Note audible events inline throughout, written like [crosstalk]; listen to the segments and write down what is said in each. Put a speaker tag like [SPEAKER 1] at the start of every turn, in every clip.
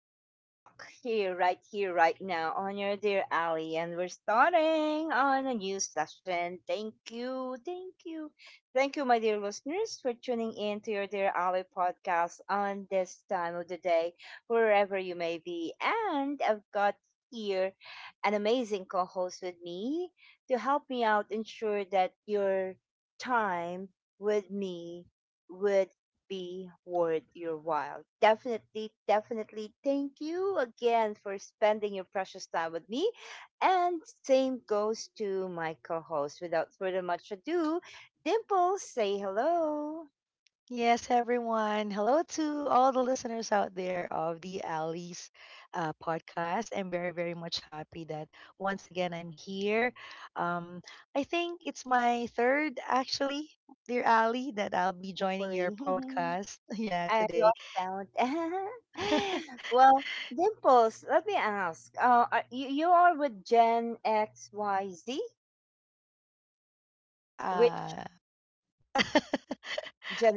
[SPEAKER 1] o'clock here, right now on your dear alley, and we're starting on a new session. Thank you, thank you, thank you, my dear listeners, for tuning in to your dear alley podcast on this time of the day, wherever you may be. And I've got here an amazing co-host with me to help me out ensure that your time with me would be worth your while. Definitely, definitely thank you again for spending your precious time with me. And same goes to my co host. Without further much ado, Dimple, say hello.
[SPEAKER 2] Yes, everyone. Hello to all the listeners out there of the Ali's podcast. I'm very, very much happy that once again I'm here. Um, I think it's my third, actually, dear Ali, that I'll be joining your
[SPEAKER 1] Hopefully, [laughs]
[SPEAKER 2] podcast. [laughs] Yeah,
[SPEAKER 1] I
[SPEAKER 2] today.
[SPEAKER 1] lost count.
[SPEAKER 2] [laughs]
[SPEAKER 1] [laughs] Well, Dimples, let me ask. You are with Gen X, Y, Z? Which
[SPEAKER 2] Uh, [laughs]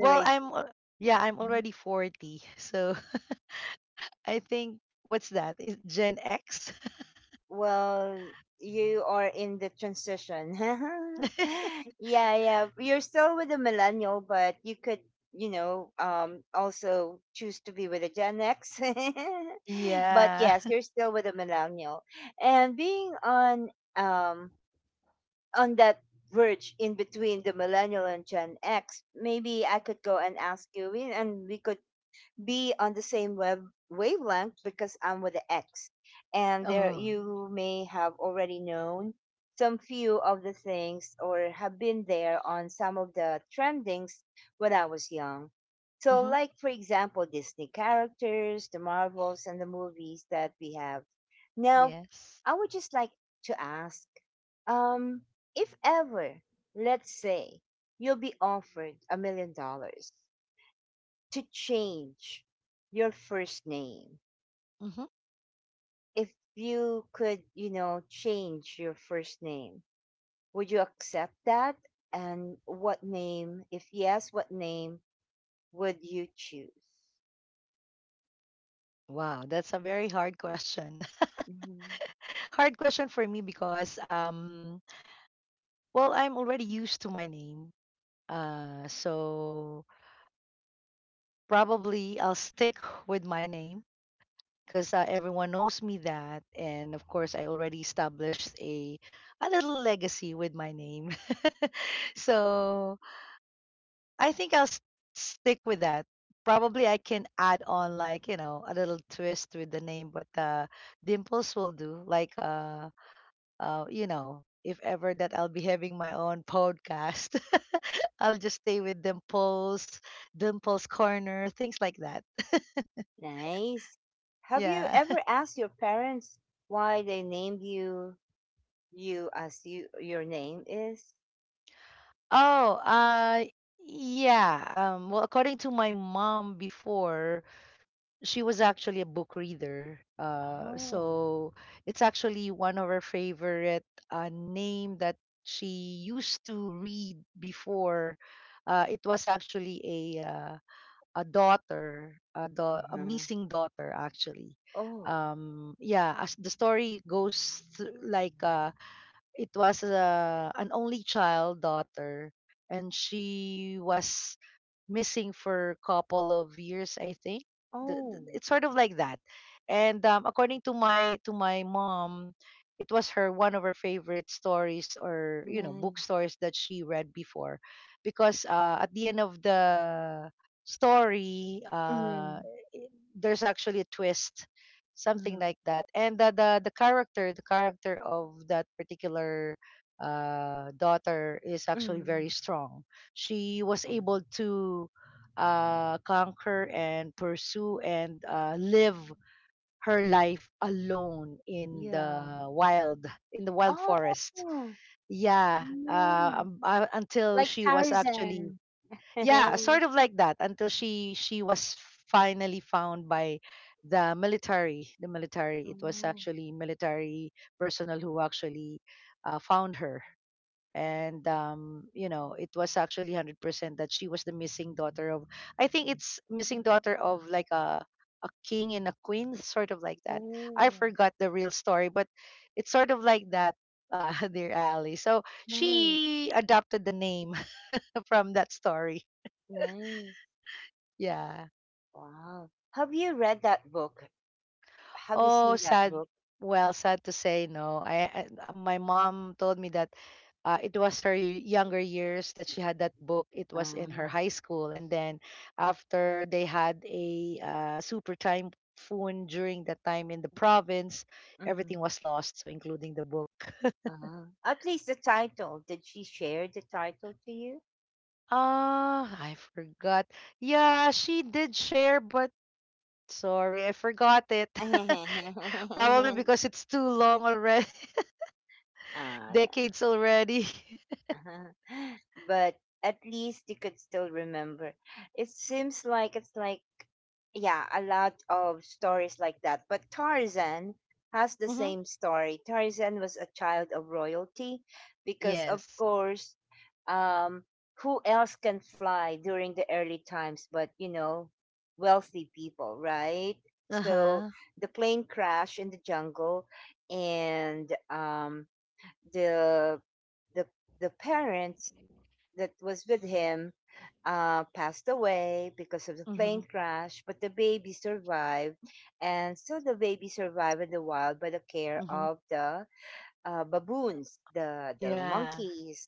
[SPEAKER 2] well, I'm, al- yeah, I'm already 40. So [laughs] I think, what's that? Is Gen X?
[SPEAKER 1] Well, you are in the transition. [laughs]
[SPEAKER 2] [laughs]
[SPEAKER 1] Yeah, yeah. You're still with a millennial, but you could, also choose to be with a Gen X. [laughs] But
[SPEAKER 2] Yeah.
[SPEAKER 1] yes, you're
[SPEAKER 2] [laughs]
[SPEAKER 1] still with a millennial, and being um on that verge, in between the millennial and Gen X, maybe I could go and ask you, and we could be on the same web wavelength because I'm with the X. And there
[SPEAKER 2] Oh.
[SPEAKER 1] you may have already known some few of the things or have been there on some of the trendings when I was young. So
[SPEAKER 2] Hmm.
[SPEAKER 1] like for example Disney characters, the Marvels and the movies that we have. Now,
[SPEAKER 2] Yes.
[SPEAKER 1] I would just like to ask um if ever, let's say, you'll be offered $1 million to change your first name,
[SPEAKER 2] hmm
[SPEAKER 1] if you could, change your first name, would you accept that? And what name, if yes, what name would you choose?
[SPEAKER 2] Wow, that's a very hard question.
[SPEAKER 1] Mhm.
[SPEAKER 2] [laughs] Hard question for me because well, I'm already used to my name. So probably I'll stick [laughs] with my name because everyone knows me that, and of course I already established a little legacy with my name. [laughs] So, I think I'll stick with that. Probably I can add on, like, a little twist with the name, but dimples will do, like if ever that I'll be having my own podcast, [laughs] I'll just stay with Dimples, Dimples Corner, things like that. [laughs]
[SPEAKER 1] Nice. Have you
[SPEAKER 2] Yeah.
[SPEAKER 1] ever asked your parents why they named you as your name is?
[SPEAKER 2] Oh, yeah. Well, according to my mom before, she was actually a book reader. Uh,
[SPEAKER 1] Oh.
[SPEAKER 2] so it's actually one of her favorite name that she used to read before. It was actually a daughter, a
[SPEAKER 1] Uh-huh.
[SPEAKER 2] missing daughter, actually.
[SPEAKER 1] Oh.
[SPEAKER 2] Yeah, as the story goes, like, it was an only child daughter, and she was missing for a couple of years, I think.
[SPEAKER 1] Oh.
[SPEAKER 2] It's sort of like that. And according to my mom, it was her one of her favorite stories, or book
[SPEAKER 1] Nice.
[SPEAKER 2] stories that she read before, because at the end of the story, i-
[SPEAKER 1] Mm-hmm.
[SPEAKER 2] there's actually a twist, something
[SPEAKER 1] Mm-hmm.
[SPEAKER 2] like that. And the character of that particular daughter is actually
[SPEAKER 1] Mm-hmm.
[SPEAKER 2] very strong. She was able to conquer and pursue and live her life alone
[SPEAKER 1] Yeah.
[SPEAKER 2] in the wild
[SPEAKER 1] Oh.
[SPEAKER 2] forest. Yeah,
[SPEAKER 1] Mm.
[SPEAKER 2] until
[SPEAKER 1] Like
[SPEAKER 2] she was actually,
[SPEAKER 1] Tarzan.
[SPEAKER 2] yeah,
[SPEAKER 1] [laughs]
[SPEAKER 2] sort of like that, until she was finally found by the military. It was
[SPEAKER 1] Oh.
[SPEAKER 2] actually military personnel who actually found her. And it was actually 100% that she was the missing daughter of, I think, it's missing daughter of, like, a king and a queen. [laughs] Sort of like that. I
[SPEAKER 1] Oh.
[SPEAKER 2] forgot the real story, but it's sort of like that, [laughs] dear Ali. So
[SPEAKER 1] Nice.
[SPEAKER 2] she adopted the name [laughs] from that story.
[SPEAKER 1] Nice.
[SPEAKER 2] Yeah.
[SPEAKER 1] Wow. Have you read that book? Have you
[SPEAKER 2] Oh,
[SPEAKER 1] seen that
[SPEAKER 2] sad.
[SPEAKER 1] book?
[SPEAKER 2] Well, sad to say, no. I My mom told me that it was her younger years that she had that book. It was in her
[SPEAKER 1] Ah.
[SPEAKER 2] high school, and then after they had a super typhoon during that time in the province,
[SPEAKER 1] Mm-hmm.
[SPEAKER 2] everything was lost, so including the book. [laughs]
[SPEAKER 1] Uh-huh. At least the title. Did she share the title to you?
[SPEAKER 2] Ah, I forgot. Yeah, she did share, but sorry, I forgot it. [laughs] Probably
[SPEAKER 1] [laughs]
[SPEAKER 2] because it's too long already, [laughs]
[SPEAKER 1] Ah, yeah.
[SPEAKER 2] decades already. [laughs]
[SPEAKER 1] [laughs] But at least you could still remember. It seems like it's like, yeah, a lot of stories like that. But Tarzan has the same story. Tarzan was a child of royalty because, of
[SPEAKER 2] Yes.
[SPEAKER 1] course, um, who else can fly during the early times but, wealthy people, right? So
[SPEAKER 2] Uh-huh.
[SPEAKER 1] the plane crash in the jungle, and the the the parents that was with him passed away because of the plane
[SPEAKER 2] Mhm.
[SPEAKER 1] crash, but the baby survived. And so the baby survived in the wild by the care
[SPEAKER 2] Mhm.
[SPEAKER 1] of the baboons, the
[SPEAKER 2] Yeah.
[SPEAKER 1] monkeys.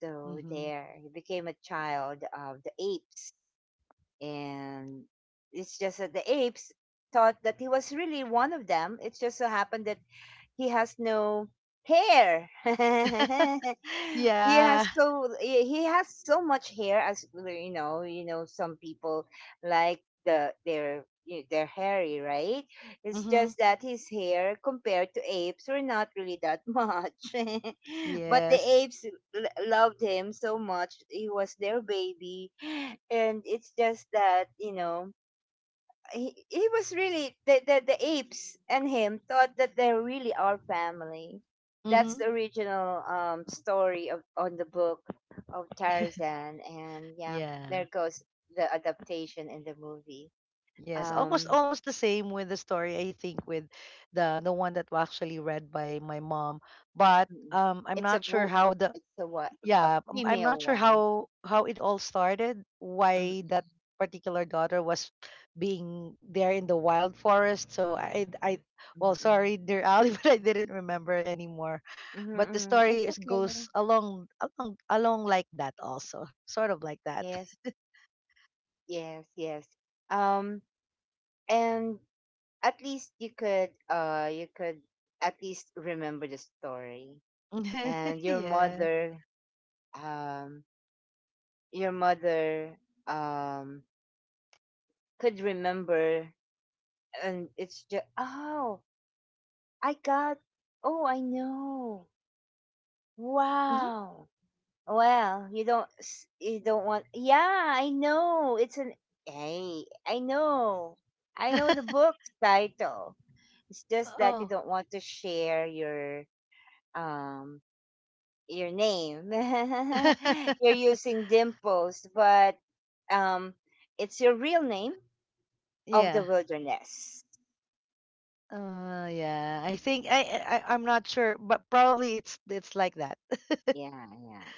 [SPEAKER 1] So
[SPEAKER 2] Mhm.
[SPEAKER 1] there, he became a child of the apes. And it's just that the apes thought that he was really one of them. It just so happened that he has no hair. [laughs] he
[SPEAKER 2] Yeah.
[SPEAKER 1] has so he he has so much hair as well, you know some people, like the their you they're hairy, right? It's
[SPEAKER 2] Mhm.
[SPEAKER 1] just that his hair compared to apes were not really that much. [laughs] But the
[SPEAKER 2] Yes.
[SPEAKER 1] apes loved him so much. He was their baby. And it's just that, he was really the apes, and him thought that they really are family. That's
[SPEAKER 2] Mhm.
[SPEAKER 1] the original story of on the book of
[SPEAKER 2] [laughs]
[SPEAKER 1] Tarzan, and yeah,
[SPEAKER 2] Yeah.
[SPEAKER 1] there goes the adaptation in the movie.
[SPEAKER 2] Yes, almost
[SPEAKER 1] Um,
[SPEAKER 2] almost the same with the story, I think, with the one that was actually read by my mom, but
[SPEAKER 1] mm,
[SPEAKER 2] I'm
[SPEAKER 1] it's a
[SPEAKER 2] not sure
[SPEAKER 1] book.
[SPEAKER 2] how the,
[SPEAKER 1] It's a
[SPEAKER 2] yeah, I'm
[SPEAKER 1] female
[SPEAKER 2] not sure
[SPEAKER 1] one.
[SPEAKER 2] how it all started, why
[SPEAKER 1] Mm-mm,
[SPEAKER 2] that particular daughter was being there in the wild forest, so I well,
[SPEAKER 1] mm-mm,
[SPEAKER 2] sorry, dear Ali, [laughs] but I didn't remember anymore.
[SPEAKER 1] mm-mm,
[SPEAKER 2] But the
[SPEAKER 1] mm-mm. It's
[SPEAKER 2] story is
[SPEAKER 1] okay.
[SPEAKER 2] goes along, like that, also sort of like that.
[SPEAKER 1] Yes, yes, yes. Um, and at least you could at least remember the story,
[SPEAKER 2] [laughs]
[SPEAKER 1] and
[SPEAKER 2] Yeah.
[SPEAKER 1] um your mother um could remember. And it's just, oh, I got, oh, I know.
[SPEAKER 2] Mhm.
[SPEAKER 1] Wow. Well, you don't you don't want, yeah, I know. It's an Hey, I know, I know the
[SPEAKER 2] [laughs]
[SPEAKER 1] book title. It's just that you
[SPEAKER 2] Oh.
[SPEAKER 1] don't want to share um your name. [laughs] You're
[SPEAKER 2] [laughs]
[SPEAKER 1] using Dimples, but um, it's your real name of the
[SPEAKER 2] Yeah.
[SPEAKER 1] wilderness.
[SPEAKER 2] Yeah, I think I'm not sure, but probably it's like that. [laughs]
[SPEAKER 1] Yeah, yeah.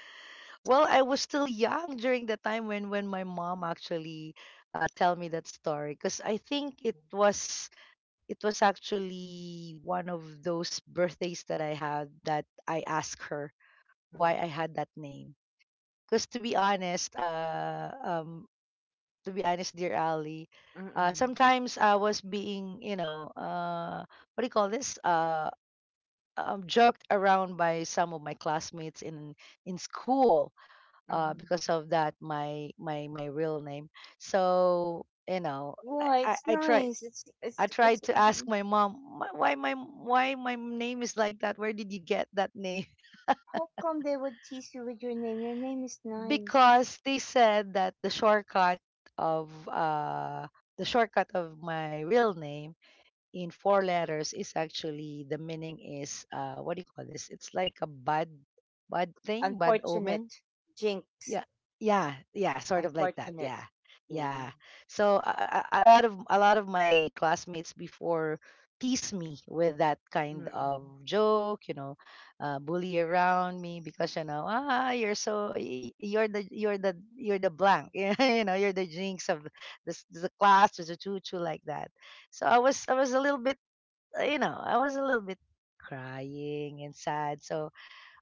[SPEAKER 2] Well, I was still young during the time when my mom actually tell me that story, because I think it was actually one of those birthdays that I had that I asked her why
[SPEAKER 1] Mm.
[SPEAKER 2] I had that name. Because to be honest, dear Ali,
[SPEAKER 1] Mm-mm.
[SPEAKER 2] sometimes I was being, what do you call this, joked around by some of my classmates in school,
[SPEAKER 1] Mm-hmm.
[SPEAKER 2] because of that my my real name. So, you know, i
[SPEAKER 1] Why?
[SPEAKER 2] i,
[SPEAKER 1] It's
[SPEAKER 2] I try
[SPEAKER 1] nice. It's, it's
[SPEAKER 2] I tried
[SPEAKER 1] it's
[SPEAKER 2] to
[SPEAKER 1] it's.
[SPEAKER 2] ask my mom, "Why my name is like that? Where did you get that name?"
[SPEAKER 1] How come they would tease you with your name? Your name is
[SPEAKER 2] [laughs]
[SPEAKER 1] nice.
[SPEAKER 2] Because they said that of uh the shortcut of my real name in four letters is actually, the meaning is, what do you call this? It's like a bad, bad thing, bad omen.
[SPEAKER 1] Unfortunate, Jinx.
[SPEAKER 2] Yeah, yeah, yeah, sort of like that.
[SPEAKER 1] Unfortunate.
[SPEAKER 2] Yeah,
[SPEAKER 1] Yeah.
[SPEAKER 2] yeah. So, a lot of my classmates before tease me with that kind
[SPEAKER 1] Mm-mm.
[SPEAKER 2] of joke. Bully around me, because, you know, ah, you're so you're the blank. [laughs] You know, you're the jinx of this, the class, the chuchu, like that. So I was, a little bit, I was a little bit crying and sad. So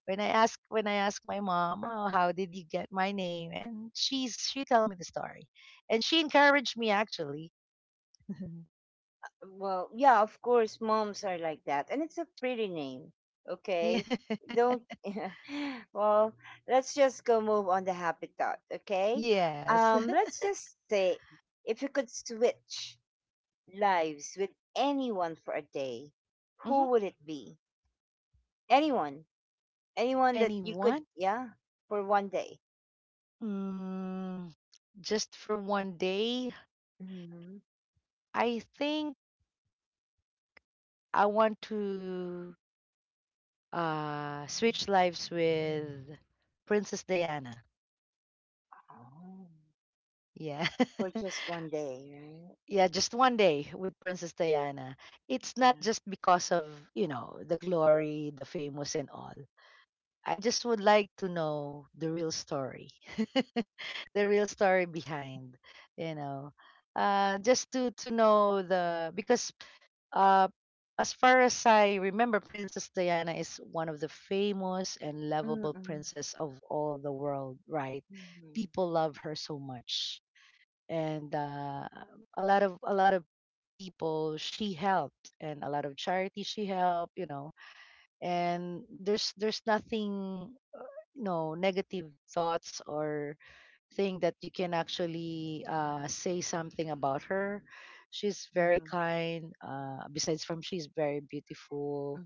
[SPEAKER 2] when I ask my mom, "Oh, how did you get my name?" and she tell me the story, and she encouraged me, actually. [laughs]
[SPEAKER 1] Well, yeah, of course, moms are like that, and it's a pretty name.
[SPEAKER 2] Yeah.
[SPEAKER 1] Okay, don't. [laughs] Well, let's just go move on the happy thought. Okay,
[SPEAKER 2] Yes.
[SPEAKER 1] let's just say, if you could switch lives with anyone for a day, who
[SPEAKER 2] hmm
[SPEAKER 1] would it be? Anyone, anyone that you could,
[SPEAKER 2] Anyone?
[SPEAKER 1] yeah, for one day.
[SPEAKER 2] Mm, just for one day,
[SPEAKER 1] hmm
[SPEAKER 2] I think I want to switch lives with Princess Diana.
[SPEAKER 1] Oh,
[SPEAKER 2] Yeah.
[SPEAKER 1] for
[SPEAKER 2] [laughs]
[SPEAKER 1] just one day, right?
[SPEAKER 2] Yeah, just one day with Princess Diana. It's not
[SPEAKER 1] Yeah.
[SPEAKER 2] just because of, the glory, the famous, and all. I just would like to know the real story, [laughs] the real story behind, you know, just to know the, because uh, as far as I remember, Princess Diana is one of the famous and lovable
[SPEAKER 1] Mm-mm.
[SPEAKER 2] princess of all the world, right?
[SPEAKER 1] Mm-hmm.
[SPEAKER 2] People love her so much, and a lot of people she helped, and a lot of charity she helped, and there's nothing, no negative thoughts or thing that you can actually say something about her. She's very
[SPEAKER 1] Mm-hmm.
[SPEAKER 2] kind, besides from she's very
[SPEAKER 1] Mm-hmm.
[SPEAKER 2] beautiful.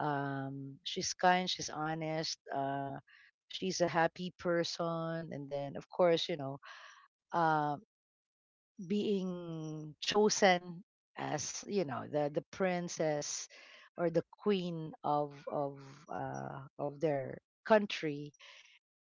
[SPEAKER 2] She's kind, she's honest, she's a happy person. And then of course, you know, uh, being chosen as, you know, the princess or the queen of, of their country,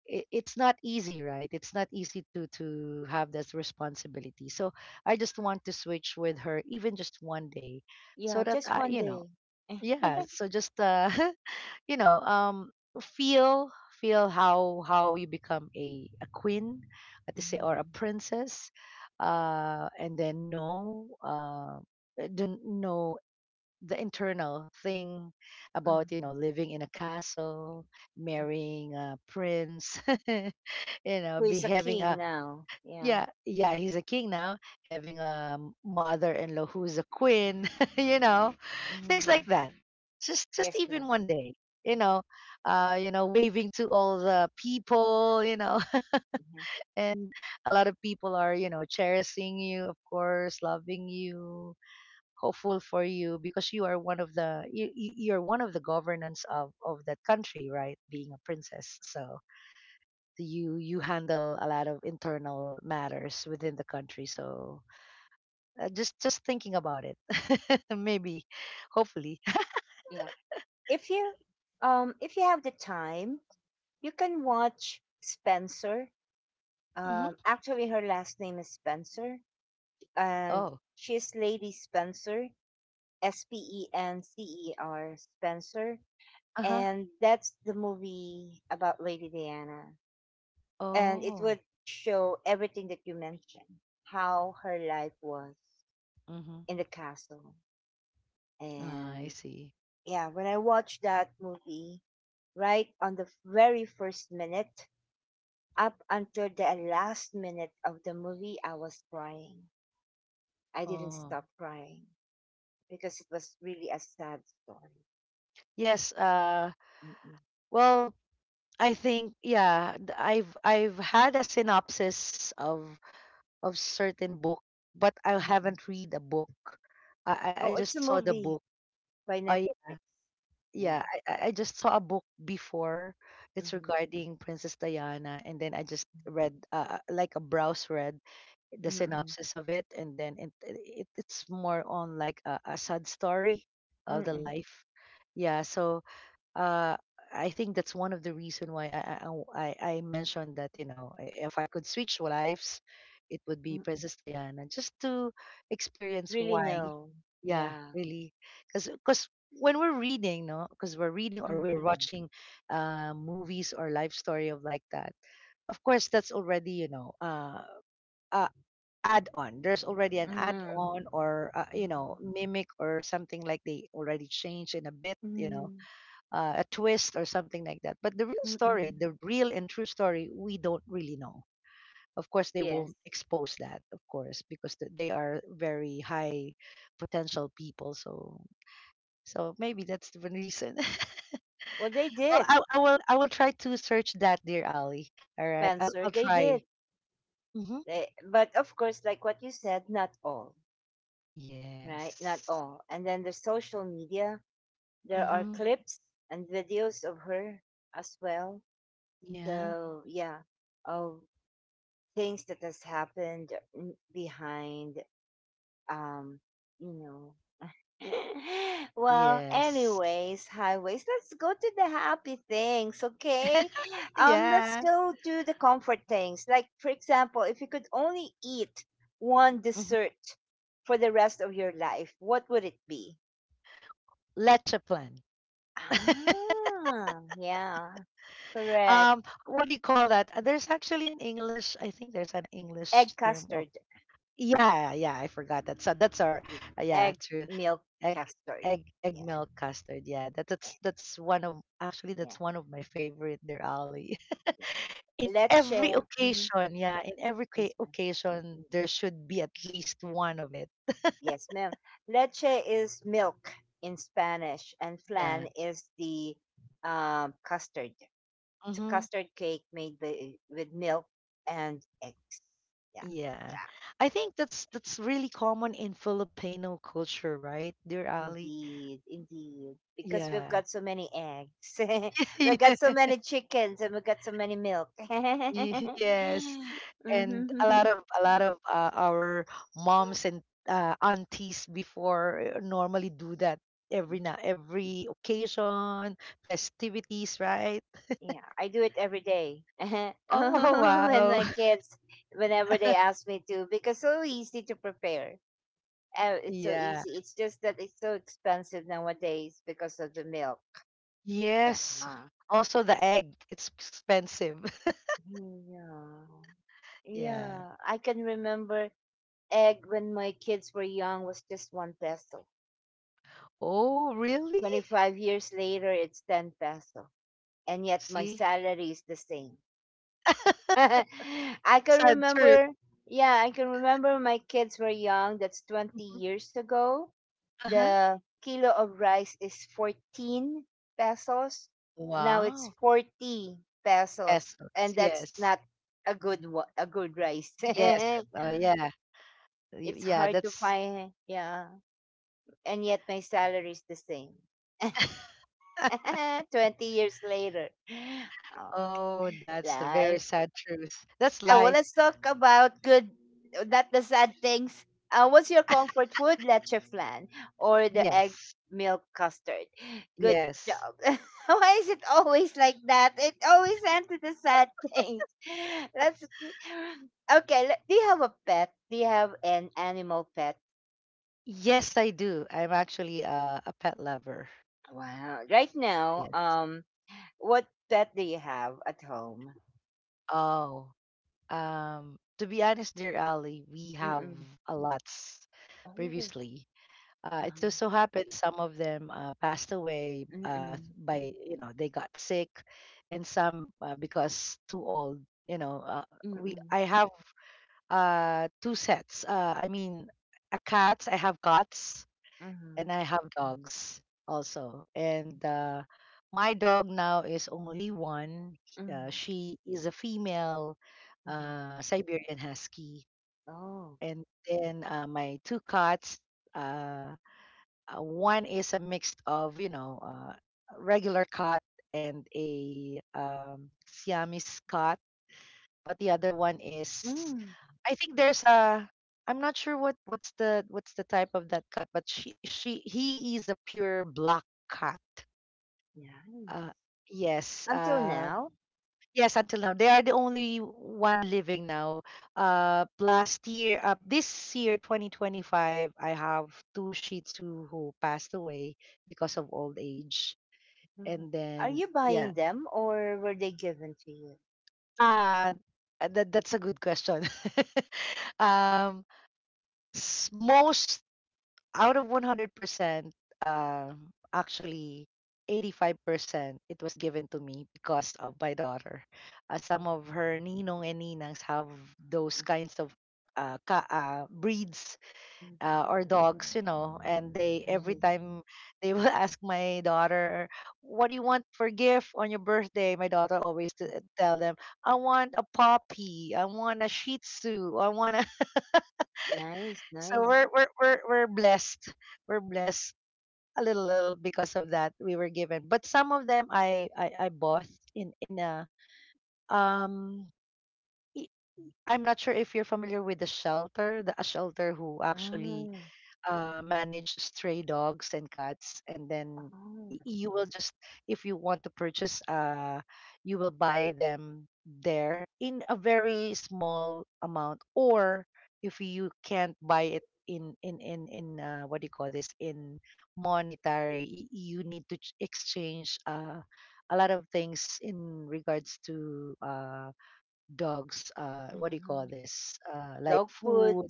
[SPEAKER 2] it's not easy, right? It's not easy to have that responsibility. So I just want to switch with her, even just one day, so
[SPEAKER 1] Yeah,
[SPEAKER 2] that
[SPEAKER 1] just
[SPEAKER 2] I,
[SPEAKER 1] one
[SPEAKER 2] you know
[SPEAKER 1] day. Eh,
[SPEAKER 2] Yeah, so just [laughs] you know um feel feel how you become a queen, to say, or a
[SPEAKER 1] mhm,
[SPEAKER 2] princess. And then know, don't know the internal thing about, you
[SPEAKER 1] mhm,
[SPEAKER 2] know, living in a castle,
[SPEAKER 1] mm.
[SPEAKER 2] marrying a prince. [laughs]
[SPEAKER 1] Who
[SPEAKER 2] Be
[SPEAKER 1] is a
[SPEAKER 2] having a,
[SPEAKER 1] king now? Yeah.
[SPEAKER 2] yeah, yeah, he's a king now, having a mother-in-law who's a queen, [laughs] you know, things like
[SPEAKER 1] Mhm.
[SPEAKER 2] that. Just
[SPEAKER 1] Yes, madam.
[SPEAKER 2] even one day, you know, waving to all the people,
[SPEAKER 1] Mhm.
[SPEAKER 2] [laughs] and a lot of people are, you know, cherishing you, of course, loving you, hopeful for you, because you're one of the governance of that country, right? Being a princess, so you handle a lot of internal matters within the country. So, just thinking about it, [laughs] maybe, hopefully.
[SPEAKER 1] Yeah. If you if you have the time, you can watch Spencer.
[SPEAKER 2] [laughs] Mm-hmm.
[SPEAKER 1] Actually, her last name is Spencer, and
[SPEAKER 2] Oh.
[SPEAKER 1] she's Lady Spencer, S P E N C E R, Spencer,
[SPEAKER 2] Uh-huh.
[SPEAKER 1] and that's the movie about Lady Diana. And it
[SPEAKER 2] Oh.
[SPEAKER 1] would show everything that you mentioned, how her life was
[SPEAKER 2] Mm-hmm.
[SPEAKER 1] in the castle.
[SPEAKER 2] Ah, I
[SPEAKER 1] And
[SPEAKER 2] see.
[SPEAKER 1] yeah, when I watched that movie, right on the very first minute up until the last minute of the movie, I was crying. I didn't
[SPEAKER 2] Oh.
[SPEAKER 1] stop crying because it was really a sad story.
[SPEAKER 2] Yes.
[SPEAKER 1] Mm-mm,
[SPEAKER 2] Well, I think, yeah, I've had a synopsis of certain book, but I
[SPEAKER 1] mm-mm.
[SPEAKER 2] haven't read a book. I
[SPEAKER 1] Oh, it's a
[SPEAKER 2] just saw the
[SPEAKER 1] movie
[SPEAKER 2] book.
[SPEAKER 1] by
[SPEAKER 2] I
[SPEAKER 1] Netflix.
[SPEAKER 2] Yeah,
[SPEAKER 1] Yeah.
[SPEAKER 2] I just saw a book before. It's
[SPEAKER 1] Mm-hmm,
[SPEAKER 2] regarding Princess Diana, and then I just
[SPEAKER 1] mm-hmm,
[SPEAKER 2] read, like a browse read the
[SPEAKER 1] mm-mm,
[SPEAKER 2] synopsis of it, and then it's more on like a sad story of the
[SPEAKER 1] mm-mm,
[SPEAKER 2] life. Yeah. So, uh, I think that's one of the reason why I mentioned that, if I could switch lives, it would be
[SPEAKER 1] mm-mm.
[SPEAKER 2] Princess Diana, just to experience
[SPEAKER 1] Really?
[SPEAKER 2] why.
[SPEAKER 1] No.
[SPEAKER 2] Yeah,
[SPEAKER 1] Yeah.
[SPEAKER 2] really, because when we're reading, no, because we're reading or we're
[SPEAKER 1] Mm,
[SPEAKER 2] watching movies or life story of like that. Of course, that's already, uh add on. There's already an add
[SPEAKER 1] mm,
[SPEAKER 2] on, or
[SPEAKER 1] mm,
[SPEAKER 2] mimic or something, like they already changed in a bit,
[SPEAKER 1] mm,
[SPEAKER 2] a twist or something like that. But the real story,
[SPEAKER 1] mm.
[SPEAKER 2] the real and true story, we don't really know. Of course, they
[SPEAKER 1] Yes.
[SPEAKER 2] won't expose that, of course, because they are very high potential people. So, maybe that's the one reason. [laughs]
[SPEAKER 1] Well, they
[SPEAKER 2] Well,
[SPEAKER 1] did.
[SPEAKER 2] I will try to search that, dear Ali. All right,
[SPEAKER 1] Spencer.
[SPEAKER 2] I'll
[SPEAKER 1] They
[SPEAKER 2] try.
[SPEAKER 1] did.
[SPEAKER 2] Mm-hmm.
[SPEAKER 1] But of course, like what you said, not all, right? Not
[SPEAKER 2] Yes.
[SPEAKER 1] all. And then the social media, there are
[SPEAKER 2] Mm-hmm.
[SPEAKER 1] clips and videos of her as well.
[SPEAKER 2] Yeah.
[SPEAKER 1] So, yeah, of things that has happened, behind, um you know [laughs] well,
[SPEAKER 2] Yes.
[SPEAKER 1] anyways, highways, let's go to the happy things. Okay, let's
[SPEAKER 2] Yeah.
[SPEAKER 1] go to the comfort things, like for example, if you could only eat one
[SPEAKER 2] Mm-hmm.
[SPEAKER 1] dessert for the rest of your life, what would it be?
[SPEAKER 2] Leche plan.
[SPEAKER 1] Yeah, correct.
[SPEAKER 2] What do you call that? There's actually an English, I think there's an English
[SPEAKER 1] Egg
[SPEAKER 2] term of.
[SPEAKER 1] custard.
[SPEAKER 2] Yeah, yeah, I forgot that, so that's our
[SPEAKER 1] e-
[SPEAKER 2] yeah,
[SPEAKER 1] Egg
[SPEAKER 2] true.
[SPEAKER 1] milk
[SPEAKER 2] egg
[SPEAKER 1] custard.
[SPEAKER 2] egg egg,
[SPEAKER 1] Yeah,
[SPEAKER 2] milk, custard. Yeah, that,
[SPEAKER 1] yeah,
[SPEAKER 2] that's that's one of, actually
[SPEAKER 1] yeah,
[SPEAKER 2] that's one of my favorite there, Ali.
[SPEAKER 1] yeah.
[SPEAKER 2] [laughs] In
[SPEAKER 1] Leche.
[SPEAKER 2] every occasion, yeah, in every
[SPEAKER 1] Mm-hmm.
[SPEAKER 2] occasion there should be at least one of it.
[SPEAKER 1] Yes, ma'am. Leche is milk in Spanish, and
[SPEAKER 2] Yeah.
[SPEAKER 1] flan is the custard. It's a
[SPEAKER 2] Mm-hmm.
[SPEAKER 1] custard cake made with milk and eggs. Yeah,
[SPEAKER 2] Yeah,
[SPEAKER 1] yeah,
[SPEAKER 2] I think that's really common in Filipino culture, right, dear Ali?
[SPEAKER 1] indeed, indeed. Because we've
[SPEAKER 2] Yeah.
[SPEAKER 1] got so many eggs, [laughs] we've got so
[SPEAKER 2] [laughs]
[SPEAKER 1] many chickens, and we've got so many milk. [laughs]
[SPEAKER 2] [laughs] Yes, and a lot
[SPEAKER 1] Mhm.
[SPEAKER 2] of a lot of uh, our moms and aunties before normally do that every now every occasion, festivities, right?
[SPEAKER 1] Yeah, I do it every day. [laughs] And
[SPEAKER 2] Oh wow.
[SPEAKER 1] my
[SPEAKER 2] [laughs]
[SPEAKER 1] kids, whenever they ask me to, because so easy to prepare. Oh, it's so
[SPEAKER 2] Yeah.
[SPEAKER 1] easy. It's just that it's so expensive nowadays because of the milk. Yeah.
[SPEAKER 2] Yes. Also the egg, it's expensive. [laughs]
[SPEAKER 1] Yeah.
[SPEAKER 2] Yeah.
[SPEAKER 1] Yeah. I can remember egg when my kids were young was just ₱1.
[SPEAKER 2] Oh, really?
[SPEAKER 1] 25 years later, it's 10 peso. And yet my
[SPEAKER 2] See?
[SPEAKER 1] salary is the same.
[SPEAKER 2] [laughs]
[SPEAKER 1] [laughs] I can
[SPEAKER 2] Sad truth.
[SPEAKER 1] remember, yeah, I can remember my kids were young. That's 20
[SPEAKER 2] Mhm.
[SPEAKER 1] years ago.
[SPEAKER 2] Uh-huh.
[SPEAKER 1] The kilo of rice is 14 pesos. Now it's
[SPEAKER 2] Wow.
[SPEAKER 1] 40 pesos.
[SPEAKER 2] Pesos.
[SPEAKER 1] And that's
[SPEAKER 2] Yes.
[SPEAKER 1] not a good rice.
[SPEAKER 2] Yes.
[SPEAKER 1] [laughs]
[SPEAKER 2] Yeah.
[SPEAKER 1] It's
[SPEAKER 2] Yeah,
[SPEAKER 1] hard to
[SPEAKER 2] that's.
[SPEAKER 1] find, yeah. And yet my salary is the same. [laughs]
[SPEAKER 2] [laughs]
[SPEAKER 1] 20 years later. Oh,
[SPEAKER 2] Oh, that's the very
[SPEAKER 1] life.
[SPEAKER 2] sad truth. That's
[SPEAKER 1] Well,
[SPEAKER 2] life.
[SPEAKER 1] let's talk about good, not the sad things. What's your comfort food? Leche flan or the egg
[SPEAKER 2] Yes.
[SPEAKER 1] milk custard. Good
[SPEAKER 2] Yes.
[SPEAKER 1] job. [laughs] Why is it always like that? It always ends with the sad things. [laughs] Let's okay. le- Do you have a pet? Do you have an animal pet?
[SPEAKER 2] Yes, I do. I'm actually a pet lover.
[SPEAKER 1] Wow. Right now,
[SPEAKER 2] Yes.
[SPEAKER 1] what pet do you have at home?
[SPEAKER 2] Oh, to be honest, dear Ali, we have
[SPEAKER 1] Mm-mm.
[SPEAKER 2] a lots
[SPEAKER 1] Oh.
[SPEAKER 2] previously. It
[SPEAKER 1] Um.
[SPEAKER 2] just so happened some of them passed away
[SPEAKER 1] Mm-mm.
[SPEAKER 2] by, you know, they got sick, and some because too old. You know, we
[SPEAKER 1] Mm-mm.
[SPEAKER 2] I have two sets. I mean, a cat. I have cats
[SPEAKER 1] Mm-hmm.
[SPEAKER 2] and I have dogs also. And my dog now is only one.
[SPEAKER 1] Mm-hmm.
[SPEAKER 2] She is a female Siberian Husky,
[SPEAKER 1] Oh,
[SPEAKER 2] and then my two cats. Uh, One is a mix of, you know, a regular cat and a Siamese cat, but the other one is,
[SPEAKER 1] mm,
[SPEAKER 2] I think there's a, I'm not sure what what's the type of that cat, but she he is a pure black cat.
[SPEAKER 1] nice.
[SPEAKER 2] Uh, yes,
[SPEAKER 1] Until
[SPEAKER 2] uh,
[SPEAKER 1] now,
[SPEAKER 2] yes, until now. They are the only one living now. Uh, last year, uh, this year 2025, I have two Shih Tzu who passed away because of old age.
[SPEAKER 1] Mhm.
[SPEAKER 2] And
[SPEAKER 1] Are
[SPEAKER 2] then
[SPEAKER 1] you
[SPEAKER 2] yeah.
[SPEAKER 1] buying them or were they given to you?
[SPEAKER 2] Uh, that that's a good question. [laughs] Um, most out of 100%, uh, actually 85% it was given to me because of my daughter. Some of
[SPEAKER 1] Mhm,
[SPEAKER 2] her ninong and ninangs have those kinds of breeds
[SPEAKER 1] mhm, mhm.
[SPEAKER 2] or dogs, you know, and they every
[SPEAKER 1] Nice,
[SPEAKER 2] time they will [laughs] ask my daughter, "What do you want for gift on your birthday?" My daughter always tell them, "I want a puppy. I want a Shih Tzu. I want a." [laughs]
[SPEAKER 1] nice,
[SPEAKER 2] So
[SPEAKER 1] nice.
[SPEAKER 2] we're blessed, we're blessed a little because of that we were given, but some of them I bought in a um, i- I'm not sure if you're familiar with the shelter, the a shelter who actually
[SPEAKER 1] Mm,
[SPEAKER 2] manage stray dogs and cats, and then
[SPEAKER 1] oh,
[SPEAKER 2] you will just, if you want to purchase uh, you will buy them there in a very small amount, or if you can't buy it in what do you call this, in monetary, you need to exchange uh, a lot of things in regards to uh, dogs, uh, what do you call
[SPEAKER 1] mhm.
[SPEAKER 2] this, uh, like
[SPEAKER 1] Dog food,
[SPEAKER 2] food.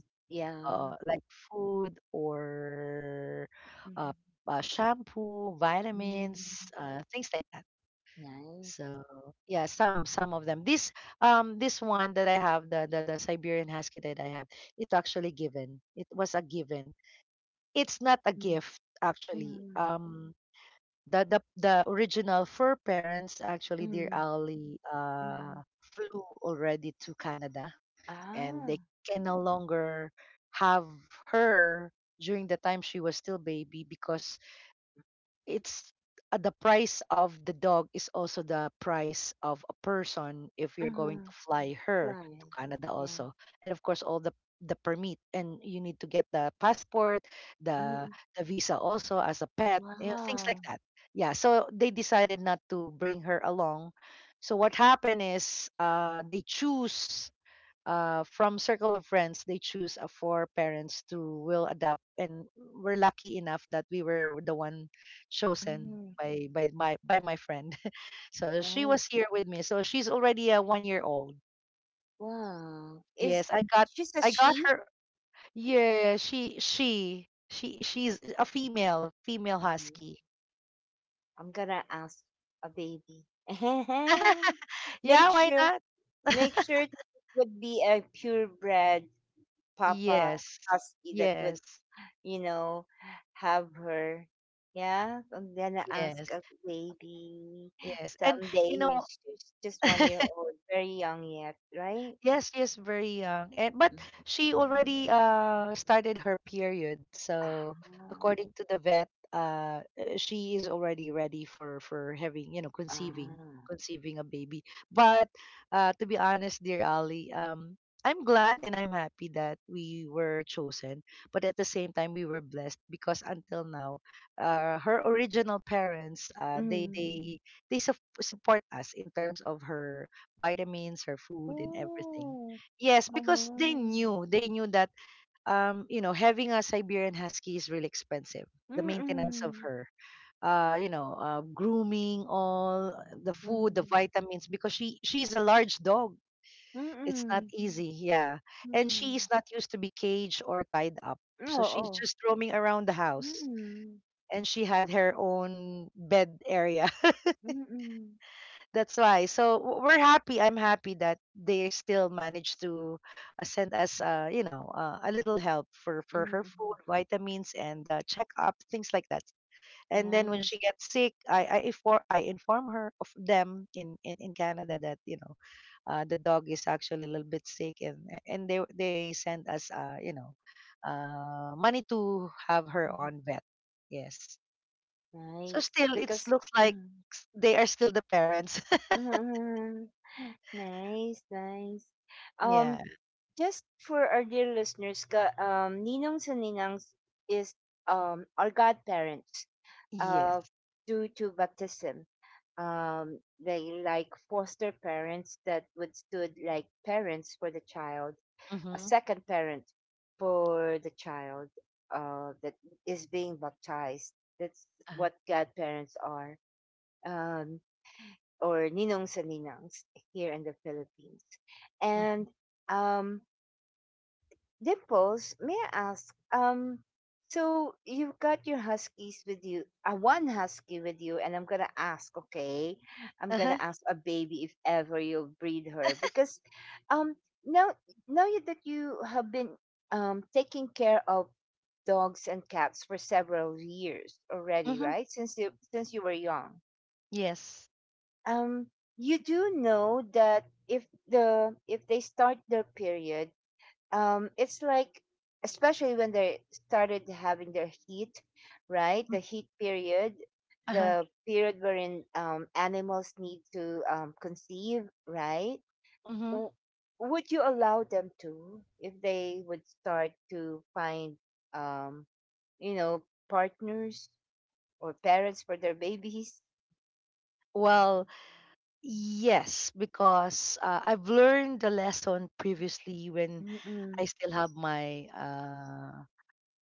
[SPEAKER 2] Oo,
[SPEAKER 1] yeah.
[SPEAKER 2] like food, or, uh,
[SPEAKER 1] Mhm.
[SPEAKER 2] shampoo,
[SPEAKER 1] Mm,
[SPEAKER 2] vitamins, things like that.
[SPEAKER 1] nice.
[SPEAKER 2] So, yeah, some of them. This um, this one that I have, the Siberian Husky that I have, it actually given. It was a given. It's not a
[SPEAKER 1] Mm,
[SPEAKER 2] gift actually.
[SPEAKER 1] mm,
[SPEAKER 2] The original fur parents actually, dear
[SPEAKER 1] mm,
[SPEAKER 2] Ali,
[SPEAKER 1] mm.
[SPEAKER 2] flew already to Canada, and
[SPEAKER 1] Ah,
[SPEAKER 2] they can no longer have her during the time she was still baby because it's the price of the dog is also the price of a person if you're going to
[SPEAKER 1] mhm.
[SPEAKER 2] fly her to
[SPEAKER 1] Fly.
[SPEAKER 2] Canada
[SPEAKER 1] Yeah.
[SPEAKER 2] also, and of course all the permit, and you need to get the passport, the
[SPEAKER 1] Mm,
[SPEAKER 2] the visa also, as a pet, you know, things like
[SPEAKER 1] wow.
[SPEAKER 2] that. Yeah, so they decided not to bring her along. So what happened is uh, they choose from circle of friends they choose a four parents to will adopt, and we're lucky enough that we were the one chosen
[SPEAKER 1] Mm,
[SPEAKER 2] by my friend. [laughs] So she was
[SPEAKER 1] nice.
[SPEAKER 2] here with me, so she's already a 1 year old.
[SPEAKER 1] Wow. Is
[SPEAKER 2] Yes,
[SPEAKER 1] she's a
[SPEAKER 2] I got
[SPEAKER 1] she?
[SPEAKER 2] her. Yeah, she's a female
[SPEAKER 1] Mm,
[SPEAKER 2] husky.
[SPEAKER 1] I'm gonna ask a baby. [laughs]
[SPEAKER 2] Yeah,
[SPEAKER 1] Make
[SPEAKER 2] why
[SPEAKER 1] sure,
[SPEAKER 2] not? [laughs]
[SPEAKER 1] make sure that it would be a purebred Papa
[SPEAKER 2] Yes,
[SPEAKER 1] Husky that would,
[SPEAKER 2] yes,
[SPEAKER 1] you know, have her. Yeah, I'm gonna ask
[SPEAKER 2] yes,
[SPEAKER 1] a baby
[SPEAKER 2] yes. And you
[SPEAKER 1] someday.
[SPEAKER 2] know.
[SPEAKER 1] She's just 1 year old, very young yet, right?
[SPEAKER 2] Yes, yes, very young. And but
[SPEAKER 1] Mm.
[SPEAKER 2] she already uh, started her period. So
[SPEAKER 1] Ah,
[SPEAKER 2] according to the vet, she is already ready for having, you know,
[SPEAKER 1] ah,
[SPEAKER 2] conceiving a baby. But uh, to be honest, dear Ali, um, I'm glad and I'm happy that we were chosen, but at the same time we were blessed because until now, her original parents,
[SPEAKER 1] mm.
[SPEAKER 2] they sup- support us in terms of her vitamins, her food, and everything.
[SPEAKER 1] Ooh,
[SPEAKER 2] Yes,
[SPEAKER 1] ah,
[SPEAKER 2] because they knew that you know, having a Siberian Husky is really expensive. The maintenance of
[SPEAKER 1] mm-mm,
[SPEAKER 2] her, you know, grooming, all the food, the
[SPEAKER 1] mm,
[SPEAKER 2] vitamins, because she's a large dog. It's not
[SPEAKER 1] mm-mm.
[SPEAKER 2] easy, yeah, and she
[SPEAKER 1] Mm.
[SPEAKER 2] is not used to be caged or tied up, so she's
[SPEAKER 1] Oo.
[SPEAKER 2] just roaming around the house.
[SPEAKER 1] Mm.
[SPEAKER 2] And she had her own bed area.
[SPEAKER 1] Mm.
[SPEAKER 2] That's why. So we're happy. I'm happy that they still managed to send us, you know, a little help for her
[SPEAKER 1] Mm.
[SPEAKER 2] food, vitamins, and check up, things like that. And then when she
[SPEAKER 1] Nice.
[SPEAKER 2] gets sick, I inform her of them in Canada that, you know, the dog is actually a little bit sick, and they send us, you know, money to have her
[SPEAKER 1] Mhm.
[SPEAKER 2] on vet. Yes. So
[SPEAKER 1] Nice.
[SPEAKER 2] still, it
[SPEAKER 1] Because
[SPEAKER 2] looks like
[SPEAKER 1] mm.
[SPEAKER 2] they are still the parents.
[SPEAKER 1] Mm. [laughs] Nice, nice.
[SPEAKER 2] [laughs]
[SPEAKER 1] Um,
[SPEAKER 2] Yeah.
[SPEAKER 1] just for our dear listeners, ninongs and ninangs is our godparents, uh
[SPEAKER 2] Yes.
[SPEAKER 1] due to baptism. They like foster parents that would stood like parents for the child, a
[SPEAKER 2] Mm-hmm.
[SPEAKER 1] second parent for the child that is being baptized. That's
[SPEAKER 2] Uh-huh.
[SPEAKER 1] what godparents are, um, or ninong sa ninangs here in the Philippines.
[SPEAKER 2] Mm-hmm.
[SPEAKER 1] And um, Dimples, may I ask? So you've got your huskies with you, one husky with you, and I'm gonna ask, okay? I'm
[SPEAKER 2] Uh-huh.
[SPEAKER 1] gonna ask a baby if ever you'll breed her because, um, now now that you have been taking care of dogs and cats for several years already,
[SPEAKER 2] Mm-hmm.
[SPEAKER 1] right? Since you were young,
[SPEAKER 2] Yes.
[SPEAKER 1] um, you do know that if the if they start their period, it's like, especially when they started having their heat, right? The
[SPEAKER 2] Mm.
[SPEAKER 1] heat period,
[SPEAKER 2] Uh-huh.
[SPEAKER 1] the period wherein animals need to conceive, right?
[SPEAKER 2] Hmm, yes, uh huh mm hmm
[SPEAKER 1] W- would you allow them to if they would start to find, um partners or parents for their babies?
[SPEAKER 2] Well, yes, because I've learned the lesson previously when I
[SPEAKER 1] Mm-mm.
[SPEAKER 2] still have my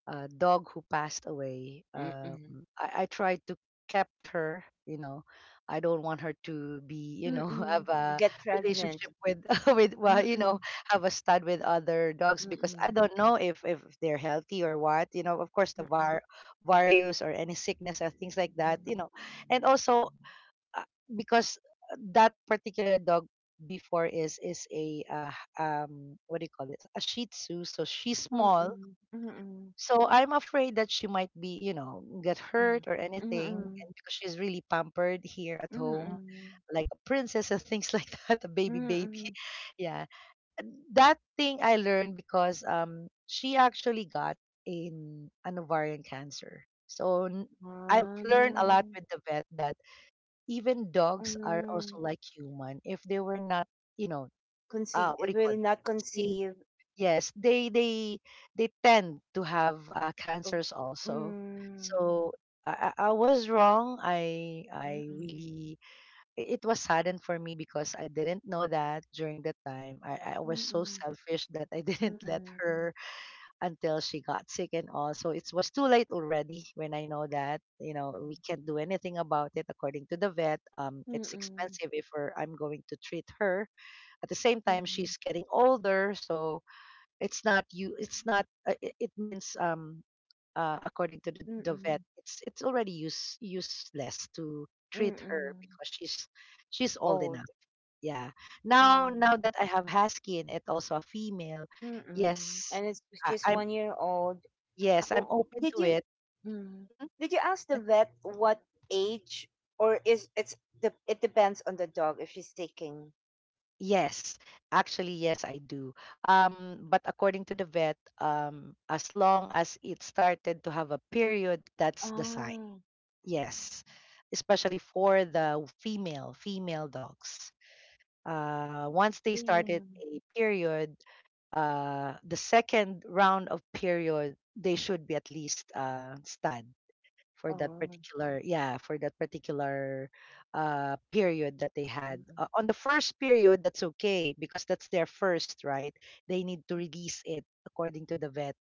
[SPEAKER 2] dog who passed away.
[SPEAKER 1] Mm-mm.
[SPEAKER 2] I tried to kept her. You know, I don't want her to be, you know, [laughs]
[SPEAKER 1] Mm-mm.
[SPEAKER 2] have a
[SPEAKER 1] Get pregnant.
[SPEAKER 2] relationship with, [laughs] with, well, you
[SPEAKER 1] Mm-mm.
[SPEAKER 2] know, have a stud with other dogs
[SPEAKER 1] Mm-mm.
[SPEAKER 2] because
[SPEAKER 1] Mm-mm.
[SPEAKER 2] I don't know if they're healthy or what. You know, of course, the var- various or any sickness or things like that.
[SPEAKER 1] Mm-mm.
[SPEAKER 2] You know, and also uh, because that particular dog before is a um, what do you call it, a Shih Tzu, so she's
[SPEAKER 1] Mm,
[SPEAKER 2] small,
[SPEAKER 1] mm, hmm,
[SPEAKER 2] so I'm afraid that she might be, you know, get
[SPEAKER 1] mm,
[SPEAKER 2] hurt or anything. And because she's really pampered here at home,
[SPEAKER 1] mm,
[SPEAKER 2] like a princess and things like [laughs] that, a baby.
[SPEAKER 1] mm.
[SPEAKER 2] [laughs] Yeah. And that thing I learned because um, she actually got in an ovarian cancer. I've learned a lot
[SPEAKER 1] Um,
[SPEAKER 2] with the vet that even dogs are also
[SPEAKER 1] um,
[SPEAKER 2] like human. If they were not, you know, what do
[SPEAKER 1] Conceive,
[SPEAKER 2] you call
[SPEAKER 1] will not
[SPEAKER 2] it?
[SPEAKER 1] conceive
[SPEAKER 2] Yes, they tend to have
[SPEAKER 1] of.
[SPEAKER 2] cancers also.
[SPEAKER 1] Mm,
[SPEAKER 2] So, I was wrong.
[SPEAKER 1] mm,
[SPEAKER 2] I
[SPEAKER 1] mm,
[SPEAKER 2] really it was sudden for me because I didn't know that during the time. I was so
[SPEAKER 1] mm,
[SPEAKER 2] selfish that I [laughs] didn't let
[SPEAKER 1] mm,
[SPEAKER 2] her, until she got sick and all. So it was too late already when I know that, you know, we can't do anything about it according to the vet. Um, it's expensive if I'm going to treat her. At the same time she's
[SPEAKER 1] mm,
[SPEAKER 2] getting older, so it's not you. It's not. It means um, uh, according to the
[SPEAKER 1] mm,
[SPEAKER 2] vet, it's already useless to treat her
[SPEAKER 1] mm,
[SPEAKER 2] because she's old
[SPEAKER 1] old.
[SPEAKER 2] enough. Yeah. Now
[SPEAKER 1] Mm,
[SPEAKER 2] that I have husky and it also a female,
[SPEAKER 1] mm,
[SPEAKER 2] yes,
[SPEAKER 1] and it's
[SPEAKER 2] I,
[SPEAKER 1] she's
[SPEAKER 2] I'm
[SPEAKER 1] 1 year old.
[SPEAKER 2] yes, I'm
[SPEAKER 1] Oh,
[SPEAKER 2] open
[SPEAKER 1] did
[SPEAKER 2] to
[SPEAKER 1] you,
[SPEAKER 2] it.
[SPEAKER 1] hmm,
[SPEAKER 2] Mhm.
[SPEAKER 1] did you ask the
[SPEAKER 2] Yes.
[SPEAKER 1] vet what age, or is it's the it depends on the dog if she's taking.
[SPEAKER 2] Yes, actually, yes, I do. But according to the vet, as long as it started to have a period, that's the sign.
[SPEAKER 1] Oh,
[SPEAKER 2] Yes, especially for the female dogs. Once they
[SPEAKER 1] so yeah.
[SPEAKER 2] started a period, the second round of period, they should be at least stud for that
[SPEAKER 1] Oh,
[SPEAKER 2] particular, for that particular period that they had.
[SPEAKER 1] mm-mm,
[SPEAKER 2] On the first period, that's okay because that's their first, right? They need to release it according to the vet,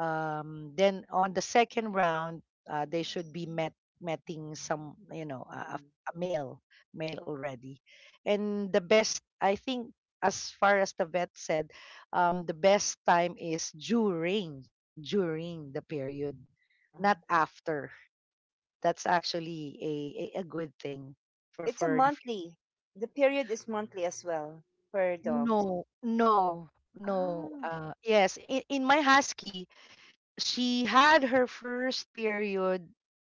[SPEAKER 2] um, then on the second round they should be met meeting some, you know, a,
[SPEAKER 1] mm-mm,
[SPEAKER 2] a male already. And the best I think, as far as the vet said, um, the best time is during the period, not
[SPEAKER 1] uh.
[SPEAKER 2] after. That's actually a, good thing for
[SPEAKER 1] it's a
[SPEAKER 2] the
[SPEAKER 1] monthly The period is monthly as well per dogs.
[SPEAKER 2] no no no
[SPEAKER 1] Oh,
[SPEAKER 2] uh yes, in, my husky, she had her first period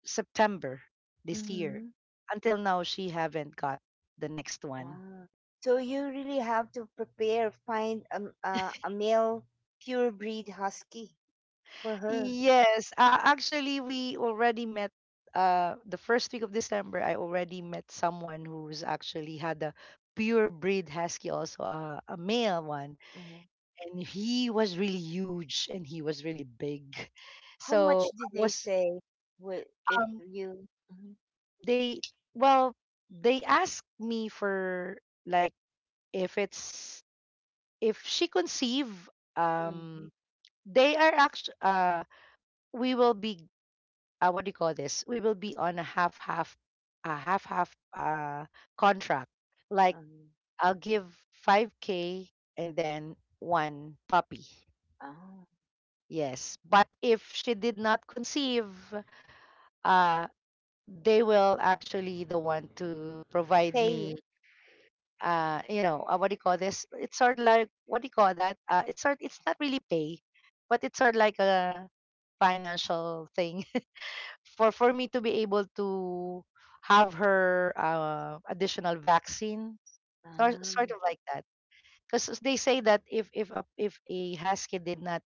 [SPEAKER 2] September this year.
[SPEAKER 1] mm-hmm.
[SPEAKER 2] Until now, she haven't got the next one.
[SPEAKER 1] Ah. So you really have to prepare, find a male pure breed husky for her.
[SPEAKER 2] Yes, actually, we already met. The first week of December, I already met someone who's actually had a pure breed husky, also a male one,
[SPEAKER 1] Mm-hmm.
[SPEAKER 2] and he was really huge and he was really big.
[SPEAKER 1] How much
[SPEAKER 2] So I
[SPEAKER 1] did they
[SPEAKER 2] was
[SPEAKER 1] say would, if
[SPEAKER 2] um
[SPEAKER 1] you, hmm?
[SPEAKER 2] they well they asked me for like if it's if she conceive
[SPEAKER 1] Mm-hmm.
[SPEAKER 2] um they are actually we will be what do you call this we will be on a half half a half contract. like
[SPEAKER 1] um,
[SPEAKER 2] I'll give 5K and then one puppy.
[SPEAKER 1] ah,
[SPEAKER 2] Yes, but if she did not conceive, uh they will actually the one to provide
[SPEAKER 1] pay,
[SPEAKER 2] me you know, what do you call this it's sort of like, what do you call that it's sort it's not really pay, but it's sort of like a financial thing [laughs] for me to be able to have her additional vaccine or
[SPEAKER 1] ah,
[SPEAKER 2] sort of like that. Because they say that if a husky did not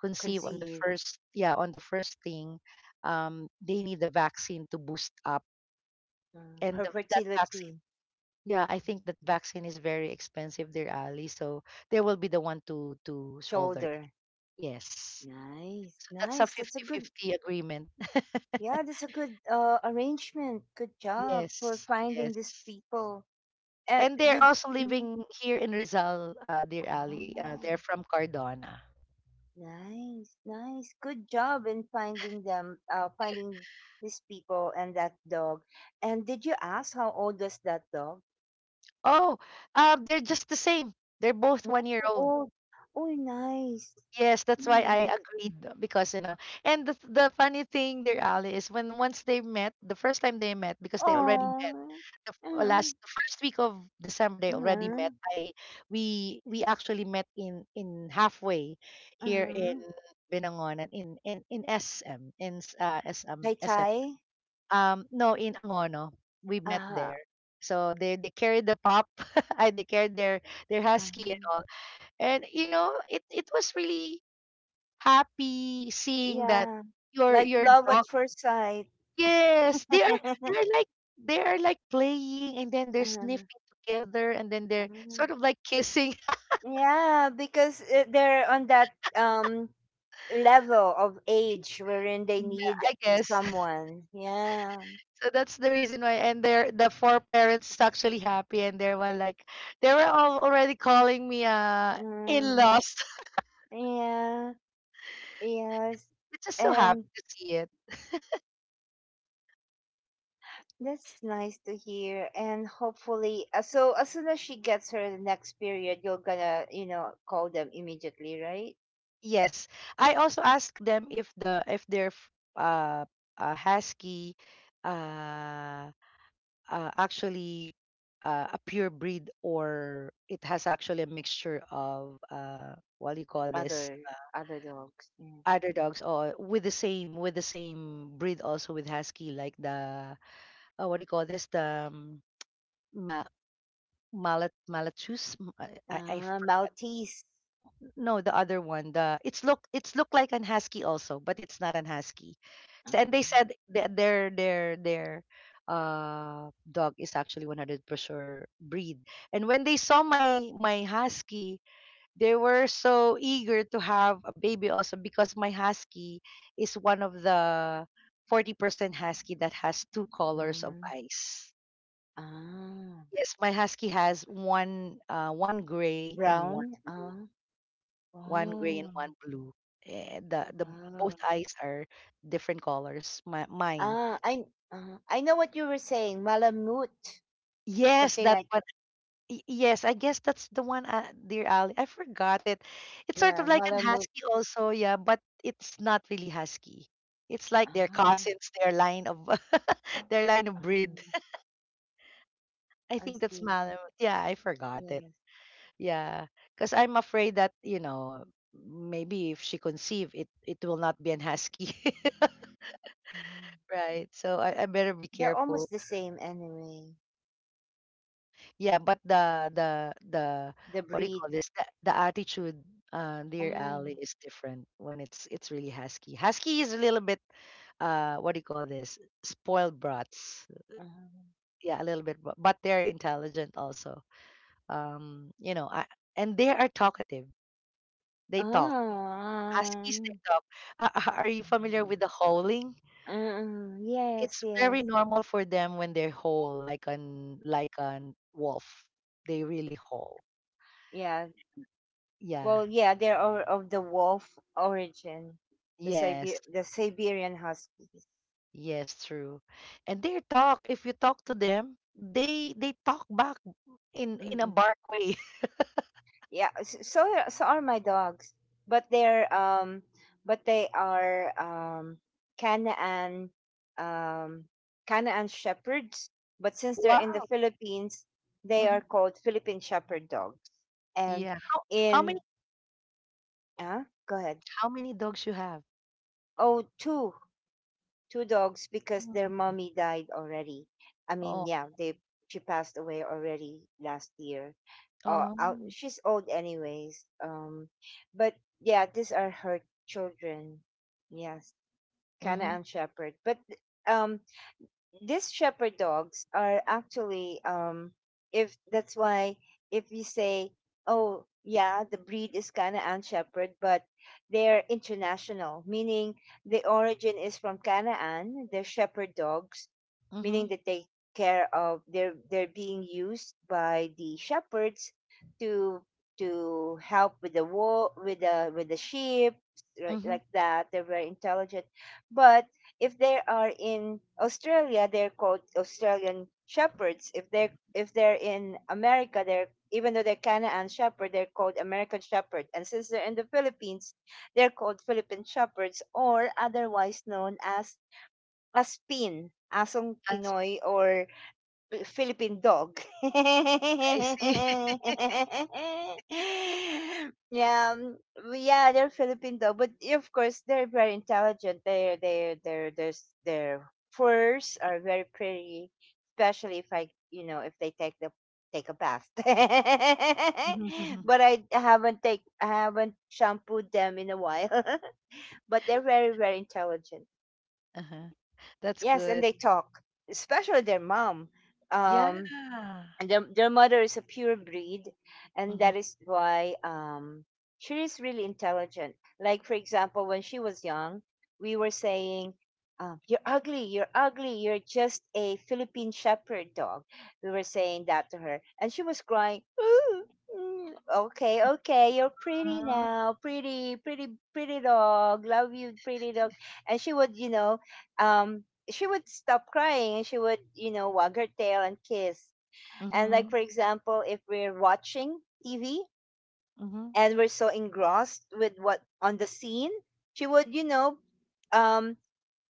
[SPEAKER 2] conceive on the
[SPEAKER 1] conceived,
[SPEAKER 2] first, yeah, on the first thing, they need the vaccine to boost up.
[SPEAKER 1] mm,
[SPEAKER 2] And
[SPEAKER 1] her
[SPEAKER 2] that vaccine,
[SPEAKER 1] fertility,
[SPEAKER 2] yeah, I think that vaccine is very expensive, dear Ali. So they will be the one to shoulder that.
[SPEAKER 1] shoulder?
[SPEAKER 2] Yes.
[SPEAKER 1] Nice,
[SPEAKER 2] So that's a
[SPEAKER 1] nice. That's a good,
[SPEAKER 2] 50-50 agreement. [laughs]
[SPEAKER 1] yeah. That's a good, arrangement. Good job for
[SPEAKER 2] Yes,
[SPEAKER 1] finding these
[SPEAKER 2] yes.
[SPEAKER 1] people.
[SPEAKER 2] And they're
[SPEAKER 1] Did
[SPEAKER 2] also
[SPEAKER 1] mm,
[SPEAKER 2] living here in Rizal, dear Ali.
[SPEAKER 1] ah.
[SPEAKER 2] They're from Cardona.
[SPEAKER 1] Nice, nice. Good job in finding them, finding these people and that dog. And did you ask how old was that dog?
[SPEAKER 2] Oh, they're just the same. They're both
[SPEAKER 1] One
[SPEAKER 2] 1 year
[SPEAKER 1] year
[SPEAKER 2] old.
[SPEAKER 1] old. Oh, nice.
[SPEAKER 2] Yes, that's why I
[SPEAKER 1] Nice.
[SPEAKER 2] agreed, because you know. And the funny thing, dear Ali, is when once they met, the first time they met, because they already the
[SPEAKER 1] Oh.
[SPEAKER 2] f- last
[SPEAKER 1] Uh-huh.
[SPEAKER 2] the first week of December, they already
[SPEAKER 1] Uh-huh.
[SPEAKER 2] met. I we actually met in halfway here in
[SPEAKER 1] Uh-huh.
[SPEAKER 2] Binangonan, in SM, in
[SPEAKER 1] Tai
[SPEAKER 2] SM,
[SPEAKER 1] Tai.
[SPEAKER 2] no, in Angono. We met
[SPEAKER 1] Uh-huh.
[SPEAKER 2] there. So they carried the pup, [laughs] I they carried their husky and
[SPEAKER 1] Uh-huh.
[SPEAKER 2] all, and you know, it was really happy seeing that
[SPEAKER 1] Yeah.
[SPEAKER 2] your
[SPEAKER 1] Like love at
[SPEAKER 2] dog.
[SPEAKER 1] first sight.
[SPEAKER 2] Yes, they are,
[SPEAKER 1] [laughs]
[SPEAKER 2] they're like they are like playing, and then they're sniffing together, and then they're
[SPEAKER 1] Uh-huh.
[SPEAKER 2] sort of like kissing.
[SPEAKER 1] Yeah, because they're on that level of
[SPEAKER 2] [laughs]
[SPEAKER 1] age wherein they
[SPEAKER 2] Yeah,
[SPEAKER 1] need
[SPEAKER 2] I guess. [laughs]
[SPEAKER 1] someone. Yeah.
[SPEAKER 2] So that's the reason why. And they're the four parents is actually happy, and they're one like, they were all already calling me
[SPEAKER 1] Mm.
[SPEAKER 2] in-laws. [laughs]
[SPEAKER 1] Yeah. Yes.
[SPEAKER 2] It's just so happy
[SPEAKER 1] And
[SPEAKER 2] to see it.
[SPEAKER 1] that's nice to hear. And hopefully, so as soon as she gets her next period, you're gonna, call them immediately, right?
[SPEAKER 2] Yes. I also asked them if the if their uh, husky uh actually, a pure breed or it has actually a mixture of what do you call this,
[SPEAKER 1] Other Other dogs. Yeah.
[SPEAKER 2] other dogs, or with the same, with the same breed also with husky, like the what do you call this, the ma- mallet malachus M-. I
[SPEAKER 1] Ah, Maltese.
[SPEAKER 2] No, the other one. The it's look, it's look like an husky also, but it's not an husky. So,
[SPEAKER 1] Ah.
[SPEAKER 2] and they said their dog is actually 100% breed. And when they saw my husky, they were so eager to have a baby also, because my husky is one of the 40% husky that has two colors of
[SPEAKER 1] Mm.
[SPEAKER 2] eyes.
[SPEAKER 1] Ah.
[SPEAKER 2] Yes, my husky has one one gray and one
[SPEAKER 1] Brown. Ah.
[SPEAKER 2] blue, one gray and
[SPEAKER 1] Oh,
[SPEAKER 2] one blue. Eh, the Both
[SPEAKER 1] wow.
[SPEAKER 2] eyes are different colors. My, mine.
[SPEAKER 1] Ah, I know what you were saying. Malamute,
[SPEAKER 2] Yes,
[SPEAKER 1] something
[SPEAKER 2] that
[SPEAKER 1] like,
[SPEAKER 2] one. Yes, I guess that's the one, dear Ali. I forgot it. It's sort
[SPEAKER 1] yeah,
[SPEAKER 2] of like an
[SPEAKER 1] malamute.
[SPEAKER 2] husky also, yeah, but it's not really husky. It's like their
[SPEAKER 1] Ah,
[SPEAKER 2] cousins, their line of [laughs] their line of breed.
[SPEAKER 1] ah,
[SPEAKER 2] I
[SPEAKER 1] I
[SPEAKER 2] think that's
[SPEAKER 1] see.
[SPEAKER 2] Malamute. Yeah, I forgot it.
[SPEAKER 1] Yes.
[SPEAKER 2] Yeah, because I'm afraid that you know, maybe if she conceive, it will not be an husky. [laughs]
[SPEAKER 1] Ah.
[SPEAKER 2] Right. So I better be
[SPEAKER 1] They're
[SPEAKER 2] careful.
[SPEAKER 1] almost the same anyway.
[SPEAKER 2] Yeah, but the
[SPEAKER 1] The
[SPEAKER 2] what do you call
[SPEAKER 1] breed.
[SPEAKER 2] this? The attitude, dear
[SPEAKER 1] Ah,
[SPEAKER 2] Ali, is different when it's really husky. Husky is a little bit, what do you call this? Spoiled brats.
[SPEAKER 1] ah.
[SPEAKER 2] Yeah, a little bit, but they're intelligent also. You know, and they are talkative. They talk.
[SPEAKER 1] Ah,
[SPEAKER 2] Huskies, they talk. Are you familiar with the howling?
[SPEAKER 1] mm, yes,
[SPEAKER 2] It's
[SPEAKER 1] yes.
[SPEAKER 2] very normal for them when they are haul like an wolf. They really haul.
[SPEAKER 1] Yeah.
[SPEAKER 2] Yeah.
[SPEAKER 1] Well, yeah, they're all of the wolf origin, the
[SPEAKER 2] Yes.
[SPEAKER 1] Siber- the Siberian huskies.
[SPEAKER 2] Yes, true. And they talk. If you talk to them, they talk back in a
[SPEAKER 1] Mm-mm.
[SPEAKER 2] bark way.
[SPEAKER 1] Yeah, so are my dogs, but they're but they are Canaan, um Canaan shepherds. But
[SPEAKER 2] [laughs]
[SPEAKER 1] since they're in the
[SPEAKER 2] Wow.
[SPEAKER 1] Philippines, they are
[SPEAKER 2] Hmm.
[SPEAKER 1] called Philippine shepherd dogs. And
[SPEAKER 2] Yeah. How
[SPEAKER 1] in,
[SPEAKER 2] many,
[SPEAKER 1] uh go ahead.
[SPEAKER 2] how many dogs you have?
[SPEAKER 1] Oh, two dogs because their
[SPEAKER 2] Mm.
[SPEAKER 1] mommy died already. I
[SPEAKER 2] Oh.
[SPEAKER 1] mean, yeah, they she passed away already last year. Oh, out,
[SPEAKER 2] Um.
[SPEAKER 1] she's old anyways. But yeah, these are her children. Yes, Cana
[SPEAKER 2] Mm-hmm.
[SPEAKER 1] and Shepherd. But um, these shepherd dogs are actually, if that's why, if you say, oh yeah, the breed is kind of an shepherd, but they're international, meaning the origin is from Canaan, they're shepherd dogs, meaning
[SPEAKER 2] Mm-hmm.
[SPEAKER 1] that they care of, they're being used by the shepherds to to help with the wool, with the sheep, right?
[SPEAKER 2] Mm-hmm.
[SPEAKER 1] Like that, they're very intelligent. But if they are in Australia, they're called Australian shepherds. If they're in America, they're, even though they're Canaan shepherd, they're called American shepherd. And since they're in the Philippines, they're called Philippine shepherds, or otherwise known as aspin, asong
[SPEAKER 2] That's,
[SPEAKER 1] Pinoy, or Philippine dog. [laughs]
[SPEAKER 2] I see. [laughs]
[SPEAKER 1] Yeah, yeah, they're Philippine dog, but yeah, of course they're very intelligent. They're they they're are their furs are very pretty, especially if I, if they take the, take a bath. [laughs]
[SPEAKER 2] Mhm.
[SPEAKER 1] But I haven't shampooed them in a while. [laughs] But they're very very intelligent.
[SPEAKER 2] Uh-huh. That's
[SPEAKER 1] Yes, and
[SPEAKER 2] good.
[SPEAKER 1] they talk, especially their mom.
[SPEAKER 2] Yeah.
[SPEAKER 1] Um, and their mother is a pure breed, and
[SPEAKER 2] Mm-hmm.
[SPEAKER 1] that is why, she is really intelligent. Like for example, when she was young, we were saying, you're ugly, you're ugly, you're just a Philippine shepherd dog. We were saying that to her, and she was crying, "Ooh, mm, okay, okay, you're pretty now, pretty, pretty, pretty dog, love you, pretty dog." And she would, um she would stop crying, and she would, wag her tail and kiss. And like
[SPEAKER 2] Mm-hmm.
[SPEAKER 1] for example, if we're watching TV,
[SPEAKER 2] Mm-hmm.
[SPEAKER 1] and we're so engrossed with what on the scene, she would, um,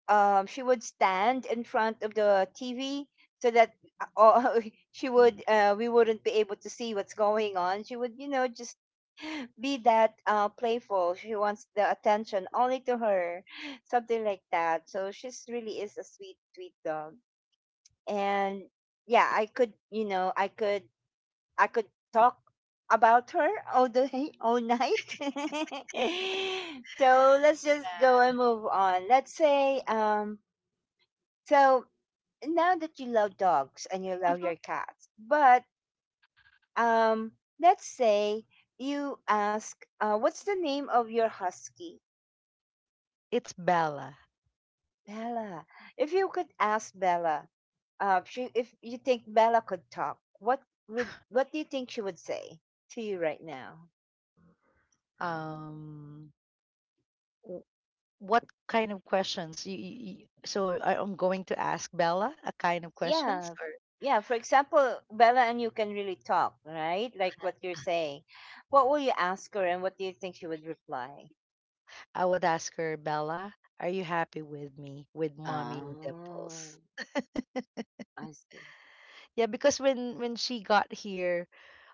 [SPEAKER 1] she would stand in front of the TV, so that, uh, all- [laughs] she would, we wouldn't be able to see what's going on. She would, just be that, playful. She wants the attention only to her, [laughs] something like that. So she's really is a sweet, sweet dog. And yeah, I could, I could talk about her all day, all night. [laughs] So let's just go and move on. Let's say, so now that you love dogs and you love
[SPEAKER 2] Mhm.
[SPEAKER 1] your cats. But um, let's say, you ask, what's the name of your husky?
[SPEAKER 2] It's Bella.
[SPEAKER 1] Bella. If you could ask Bella, she, if you think Bella could talk, what would what do you think she would say to you right now?
[SPEAKER 2] Um, w- what kind of questions? So I'm going to ask Bella a kind of questions,
[SPEAKER 1] Yeah,
[SPEAKER 2] or
[SPEAKER 1] yeah, for example, Bella, and you can really talk, right? Like what you're saying, what will you ask her, and what do you think she would reply?
[SPEAKER 2] I would ask her, Bella, are you happy with me, with mommy
[SPEAKER 1] Oh,
[SPEAKER 2] dimples?
[SPEAKER 1] I see.
[SPEAKER 2] Yeah, because when she got here,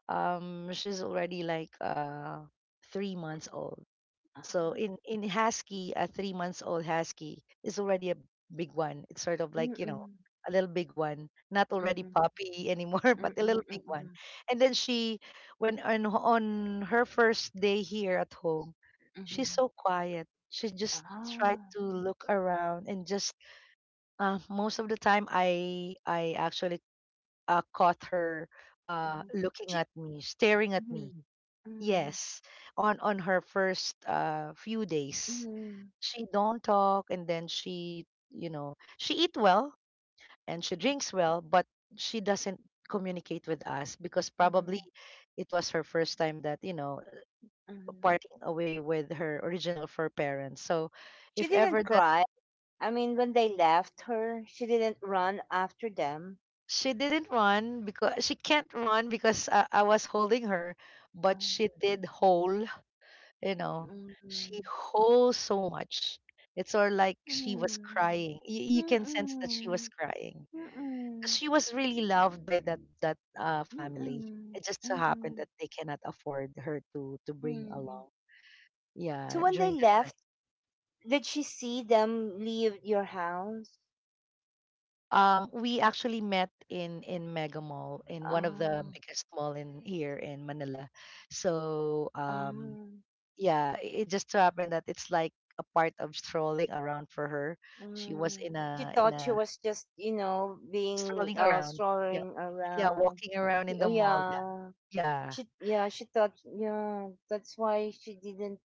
[SPEAKER 2] she's already like 3 months old. So
[SPEAKER 1] Ah,
[SPEAKER 2] in husky, a 3 months old husky is already a big one. It's sort of like, you know,
[SPEAKER 1] mm-mm,
[SPEAKER 2] a little big one, not already
[SPEAKER 1] mm-hmm,
[SPEAKER 2] puppy anymore, [laughs] but a
[SPEAKER 1] mm-mm,
[SPEAKER 2] little big one.
[SPEAKER 1] mm-mm,
[SPEAKER 2] And then she, when on her first day here at home, she's
[SPEAKER 1] mm-hmm.
[SPEAKER 2] so quiet. She just tried
[SPEAKER 1] Ah,
[SPEAKER 2] to look around and just most of the time I actually caught her
[SPEAKER 1] mhm.
[SPEAKER 2] looking
[SPEAKER 1] She,
[SPEAKER 2] at me, staring at me.
[SPEAKER 1] mm, mm,
[SPEAKER 2] Yes, on her first few days
[SPEAKER 1] mhm,
[SPEAKER 2] she don't talk, and then she, you know, she eat well, and she drinks well, but she doesn't communicate with us because probably
[SPEAKER 1] mhm,
[SPEAKER 2] it was her first time that, you know,
[SPEAKER 1] mhm.
[SPEAKER 2] parting away with her original fur parents. So,
[SPEAKER 1] She
[SPEAKER 2] if ever
[SPEAKER 1] didn't
[SPEAKER 2] that,
[SPEAKER 1] cry. I mean, when they left her, she didn't run after them.
[SPEAKER 2] she didn't run, because she can't run because I was holding her.
[SPEAKER 1] Oh,
[SPEAKER 2] But she did hole, you know, she
[SPEAKER 1] mhm,
[SPEAKER 2] holds so much. It's or like she was
[SPEAKER 1] mhm.
[SPEAKER 2] crying, you can sense that she was
[SPEAKER 1] Mm,
[SPEAKER 2] crying.
[SPEAKER 1] mm,
[SPEAKER 2] She was really loved by that family.
[SPEAKER 1] mm,
[SPEAKER 2] It just so happened
[SPEAKER 1] mm,
[SPEAKER 2] that they cannot afford her to bring
[SPEAKER 1] mm.
[SPEAKER 2] along.
[SPEAKER 1] So
[SPEAKER 2] Yeah,
[SPEAKER 1] when they
[SPEAKER 2] during that time.
[SPEAKER 1] left, did she see them leave your house?
[SPEAKER 2] We actually met in Mega Mall in one of the
[SPEAKER 1] Oh.
[SPEAKER 2] biggest mall in here in Manila. So
[SPEAKER 1] um,
[SPEAKER 2] yeah, it just so happened that it's like a part of strolling around for her. She was
[SPEAKER 1] mm. She
[SPEAKER 2] in
[SPEAKER 1] thought she
[SPEAKER 2] a
[SPEAKER 1] was just, being,
[SPEAKER 2] strolling around. Yeah,
[SPEAKER 1] strolling
[SPEAKER 2] yeah,
[SPEAKER 1] around.
[SPEAKER 2] walking around
[SPEAKER 1] She,
[SPEAKER 2] in
[SPEAKER 1] oh,
[SPEAKER 2] the mall. Yeah,
[SPEAKER 1] yeah,
[SPEAKER 2] yeah.
[SPEAKER 1] she thought, yeah, that's why she didn't.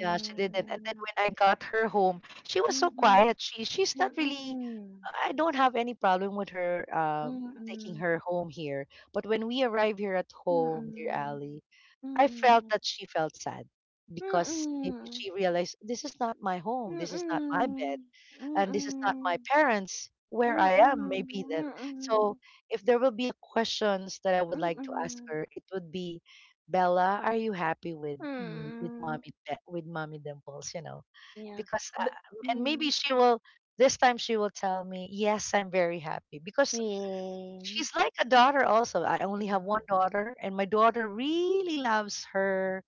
[SPEAKER 2] Yeah, she didn't. And then when I got her home, she was so
[SPEAKER 1] Um,
[SPEAKER 2] quiet. She's not
[SPEAKER 1] mm,
[SPEAKER 2] really.
[SPEAKER 1] mm,
[SPEAKER 2] I don't have any problem with her taking
[SPEAKER 1] mm,
[SPEAKER 2] her home here. But when we arrive here at
[SPEAKER 1] mm,
[SPEAKER 2] home, dear
[SPEAKER 1] mm,
[SPEAKER 2] Ali,
[SPEAKER 1] mm,
[SPEAKER 2] I felt
[SPEAKER 1] mm.
[SPEAKER 2] that she felt sad because maybe
[SPEAKER 1] Mm,
[SPEAKER 2] she realized this is not my home. This is not my bed,
[SPEAKER 1] mm, mm,
[SPEAKER 2] and this is not my
[SPEAKER 1] mm,
[SPEAKER 2] parents, where I am, maybe that. So, if there will be a questions that I would like to ask
[SPEAKER 1] mm,
[SPEAKER 2] her, it would be, Bella, are you happy with me, with
[SPEAKER 1] mm.
[SPEAKER 2] mommy with mommy dimples, you know,
[SPEAKER 1] Yeah,
[SPEAKER 2] because
[SPEAKER 1] but
[SPEAKER 2] and
[SPEAKER 1] mm,
[SPEAKER 2] maybe she will, this time she will tell me, yes, I'm very happy, because
[SPEAKER 1] yeah.
[SPEAKER 2] she's like a daughter also. I only
[SPEAKER 1] Mm,
[SPEAKER 2] have one daughter, and my daughter really loves her.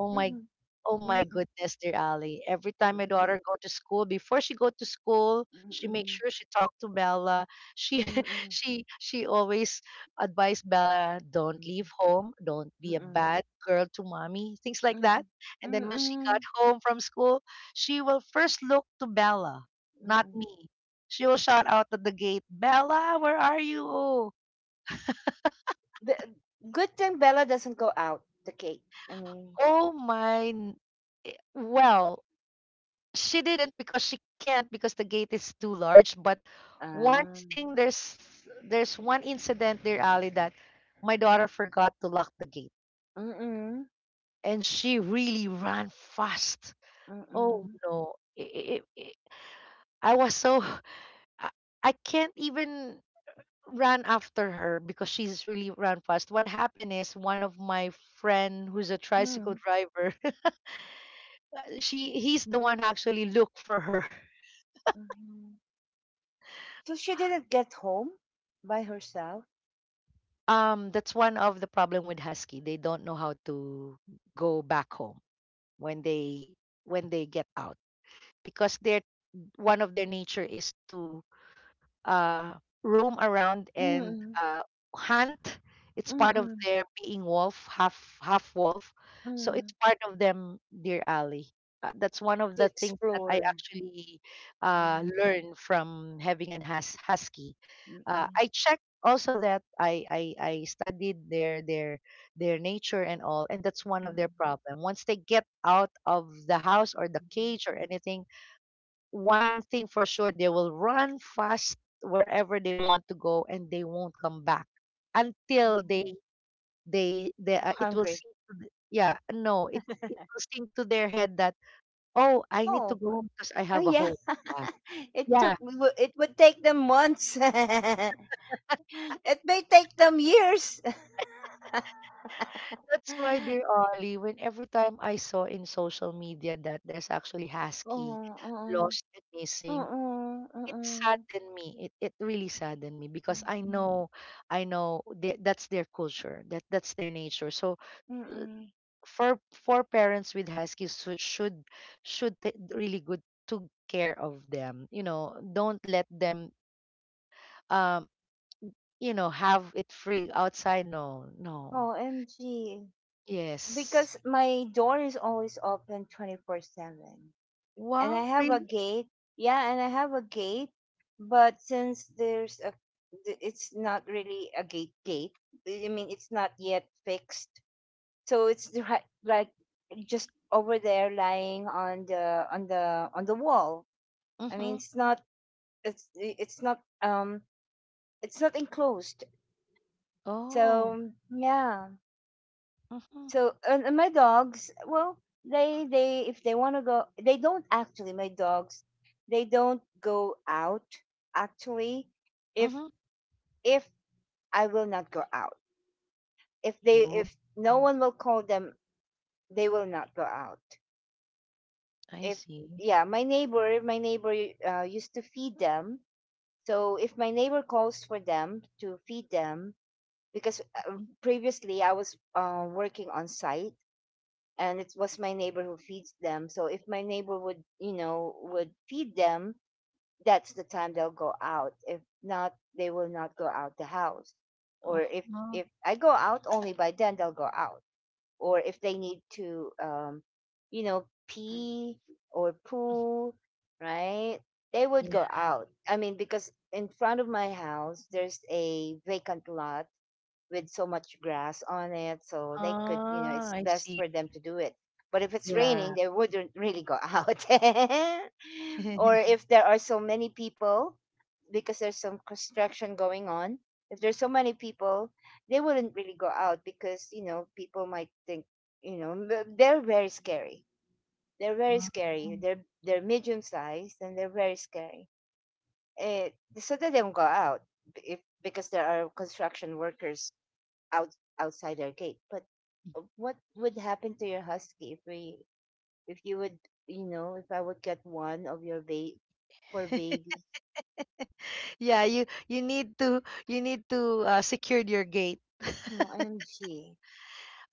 [SPEAKER 2] Oh my
[SPEAKER 1] mm,
[SPEAKER 2] oh
[SPEAKER 1] mm,
[SPEAKER 2] my
[SPEAKER 1] mm,
[SPEAKER 2] goodness, dear Ali. Every time my
[SPEAKER 1] mm,
[SPEAKER 2] daughter go to school, before she go to school, she
[SPEAKER 1] mm,
[SPEAKER 2] makes sure she talk to Bella. She [laughs]
[SPEAKER 1] mm,
[SPEAKER 2] she always advise Bella, don't leave home, don't be a bad girl to mommy, things like that.
[SPEAKER 1] mm,
[SPEAKER 2] And then when she
[SPEAKER 1] mm,
[SPEAKER 2] got home from school, she will first look to Bella, not
[SPEAKER 1] mm.
[SPEAKER 2] me. She will shout out at the gate, Bella, where are you? Oh,
[SPEAKER 1] The good thing, Bella doesn't go out the gate. I mean,
[SPEAKER 2] oh my n- eh, well, she didn't because she can't because the gate is too large. But one
[SPEAKER 1] um,
[SPEAKER 2] thing, there's one incident there, Ali, that my daughter forgot to lock the gate,
[SPEAKER 1] mm, mm,
[SPEAKER 2] and she really ran fast. Oh
[SPEAKER 1] mm,
[SPEAKER 2] no! I was so [laughs] I, I can't even run after her because she's really ran fast. What happened is one of my friend who's a tricycle
[SPEAKER 1] mm,
[SPEAKER 2] driver, [laughs] she he's the one who actually looked for her.
[SPEAKER 1] mm. So she didn't get home by herself.
[SPEAKER 2] That's one of the problem with husky. They don't know how to go back home when they, when they get out, because their, one of their nature is to uh, roam around and
[SPEAKER 1] Mm,
[SPEAKER 2] uh, hunt. It's part of
[SPEAKER 1] mm,
[SPEAKER 2] their being wolf, half half wolf. So it's
[SPEAKER 1] mm.
[SPEAKER 2] part of them, dear Ali. That's one of
[SPEAKER 1] To
[SPEAKER 2] the things that I
[SPEAKER 1] explore.
[SPEAKER 2] actually
[SPEAKER 1] Mm,
[SPEAKER 2] learned from having an husky.
[SPEAKER 1] mm-mm,
[SPEAKER 2] I checked also that I studied their their nature and all, and that's one of
[SPEAKER 1] mm-mm,
[SPEAKER 2] their problem. Once they get out of the house or the
[SPEAKER 1] mhm.
[SPEAKER 2] cage or anything, one thing for sure, they will run fast wherever they want to go, and they won't come back until
[SPEAKER 1] Mm.
[SPEAKER 2] they it will
[SPEAKER 1] Hungry.
[SPEAKER 2] sink to yeah, no, it will sink to their head that, oh, I need to
[SPEAKER 1] Oh,
[SPEAKER 2] go home because I
[SPEAKER 1] oh
[SPEAKER 2] have a
[SPEAKER 1] yeah.
[SPEAKER 2] home.
[SPEAKER 1] [laughs]
[SPEAKER 2] Ah,
[SPEAKER 1] it
[SPEAKER 2] yeah,
[SPEAKER 1] took w- w- It would take them months. [laughs] It may take them years. [laughs]
[SPEAKER 2] that's why, dear Ollie, when every time I saw in social media that there's actually husky
[SPEAKER 1] Oh, uh-uh,
[SPEAKER 2] lost and missing,
[SPEAKER 1] uh-uh,
[SPEAKER 2] it
[SPEAKER 1] uh-uh,
[SPEAKER 2] saddened me, it really saddened me because I
[SPEAKER 1] mm,
[SPEAKER 2] know, I know that that's their culture, that that's their nature. So
[SPEAKER 1] mm-mm.
[SPEAKER 2] for parents with huskies should take really good took care of them, you know. Don't let them, um you know, have it free outside. No, no.
[SPEAKER 1] Oh, MG,
[SPEAKER 2] Yes.
[SPEAKER 1] because my door is always open 24/7, and
[SPEAKER 2] Wow,
[SPEAKER 1] I have
[SPEAKER 2] really?
[SPEAKER 1] a gate. Yeah, and I have a gate, but since there's a, it's not really a gate gate. I mean, it's not yet fixed. So it's [laughs] the, like, just over there lying on the, on the wall. I mean,
[SPEAKER 2] Mm-hmm.
[SPEAKER 1] it's it's not um it's not enclosed.
[SPEAKER 2] Oh,
[SPEAKER 1] So, yeah.
[SPEAKER 2] mm-hmm.
[SPEAKER 1] So, and my dogs, well, they, if they want to go, they don't actually. My dogs, they don't go out actually. If
[SPEAKER 2] Mm-hmm.
[SPEAKER 1] if I will not go out,
[SPEAKER 2] Oh,
[SPEAKER 1] if no one will call them, they will not go out.
[SPEAKER 2] I
[SPEAKER 1] If,
[SPEAKER 2] see.
[SPEAKER 1] yeah, my neighbor, used to feed them. So if my neighbor calls for them to feed them, because,
[SPEAKER 2] Mhm.
[SPEAKER 1] previously I was, working on site, and it was my neighbor who feeds them. So if my neighbor would, would feed them, that's the time they'll go out. If not, they will not go out the house. Or
[SPEAKER 2] Uh-huh.
[SPEAKER 1] if I go out, only by then they'll go out. Or if they need to, pee or poo, right? They would
[SPEAKER 2] Yeah.
[SPEAKER 1] go out. I mean, because in front of my house, there's a vacant lot with so much grass on it, so they could,
[SPEAKER 2] Ah,
[SPEAKER 1] it's
[SPEAKER 2] I
[SPEAKER 1] best
[SPEAKER 2] see.
[SPEAKER 1] for them to do it. But if it's
[SPEAKER 2] Yeah.
[SPEAKER 1] raining, they wouldn't really go out. [laughs] Or
[SPEAKER 2] [laughs]
[SPEAKER 1] if there are so many people, because there's some construction going on, if there's so many people, they wouldn't really go out, because people might think, you know m- they're very scary. They're very scary,
[SPEAKER 2] Mhm.
[SPEAKER 1] they're medium sized and they're very scary. Eh, so they don't go out if because there are construction workers, out outside our gate. But what would happen to your husky if, we if you would, if I would get one of your, for
[SPEAKER 2] [laughs]
[SPEAKER 1] babies?
[SPEAKER 2] Yeah, you need to, you need to secure your gate.
[SPEAKER 1] Oh, IMG.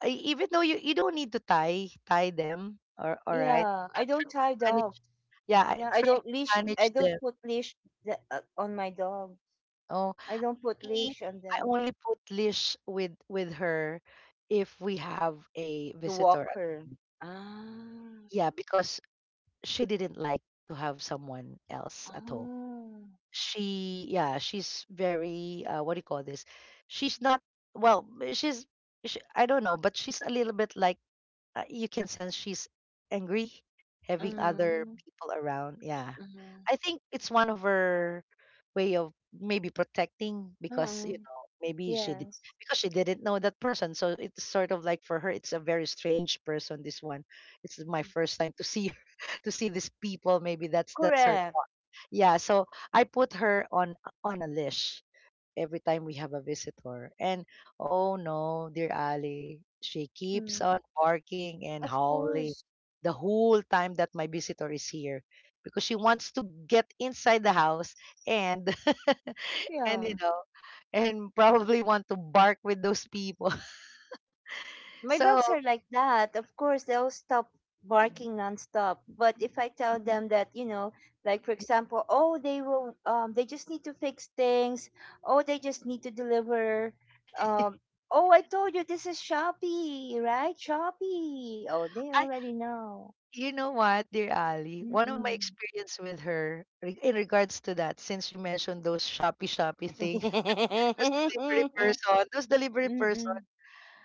[SPEAKER 2] I, even though you don't need to tie them, or all right.
[SPEAKER 1] Yeah, I
[SPEAKER 2] But
[SPEAKER 1] don't
[SPEAKER 2] try
[SPEAKER 1] tie
[SPEAKER 2] to
[SPEAKER 1] dogs.
[SPEAKER 2] manage. Yeah, I
[SPEAKER 1] Yeah, I
[SPEAKER 2] try to
[SPEAKER 1] don't leash. I
[SPEAKER 2] manage them.
[SPEAKER 1] don't put leash the, on my dog.
[SPEAKER 2] Oh,
[SPEAKER 1] I don't put
[SPEAKER 2] me,
[SPEAKER 1] leash on
[SPEAKER 2] I
[SPEAKER 1] them
[SPEAKER 2] only put leash with her if we have a
[SPEAKER 1] to
[SPEAKER 2] visitor
[SPEAKER 1] walk
[SPEAKER 2] at-
[SPEAKER 1] her. Ah,
[SPEAKER 2] yeah, because she didn't like to have someone else at home.
[SPEAKER 1] oh,
[SPEAKER 2] She, yeah, she's very, what do you call this, she's not, well, she's, she, I don't know, but she's a little bit like, you can sense she's angry having other
[SPEAKER 1] mm,
[SPEAKER 2] people around. Yeah.
[SPEAKER 1] mm,
[SPEAKER 2] I think it's one of her way of maybe protecting, because, you
[SPEAKER 1] mm,
[SPEAKER 2] know, maybe she did,
[SPEAKER 1] yes,
[SPEAKER 2] because she didn't know that person. So it's sort of like, for her it's a very strange person, this one. It's my first time to see her, [laughs] to see these people. Maybe that's her
[SPEAKER 1] correct.
[SPEAKER 2] thought. Yeah, so I put her on a leash every time we have a visitor. And oh no, dear Ali, she keeps
[SPEAKER 1] Mm,
[SPEAKER 2] on barking and
[SPEAKER 1] of
[SPEAKER 2] howling
[SPEAKER 1] course,
[SPEAKER 2] the whole time that my visitor is here, because she wants to get inside the house and [laughs] and you
[SPEAKER 1] yeah.
[SPEAKER 2] know, and probably want to bark with those people. [laughs]
[SPEAKER 1] My
[SPEAKER 2] So
[SPEAKER 1] dogs are like that. Of course, they'll stop barking nonstop. But if I tell them that, like for example, oh, they just need to fix things. Oh, they just need to deliver. Um, oh, I told you this is Shopee, right? Shopee. Oh, they
[SPEAKER 2] I,
[SPEAKER 1] already know.
[SPEAKER 2] you know what, dear Ali, one of my
[SPEAKER 1] Mm-mm.
[SPEAKER 2] experience with her in regards to that, since you mentioned those shoppy thing, [laughs] those delivery
[SPEAKER 1] [laughs]
[SPEAKER 2] person, those delivery person.
[SPEAKER 1] Mm-mm.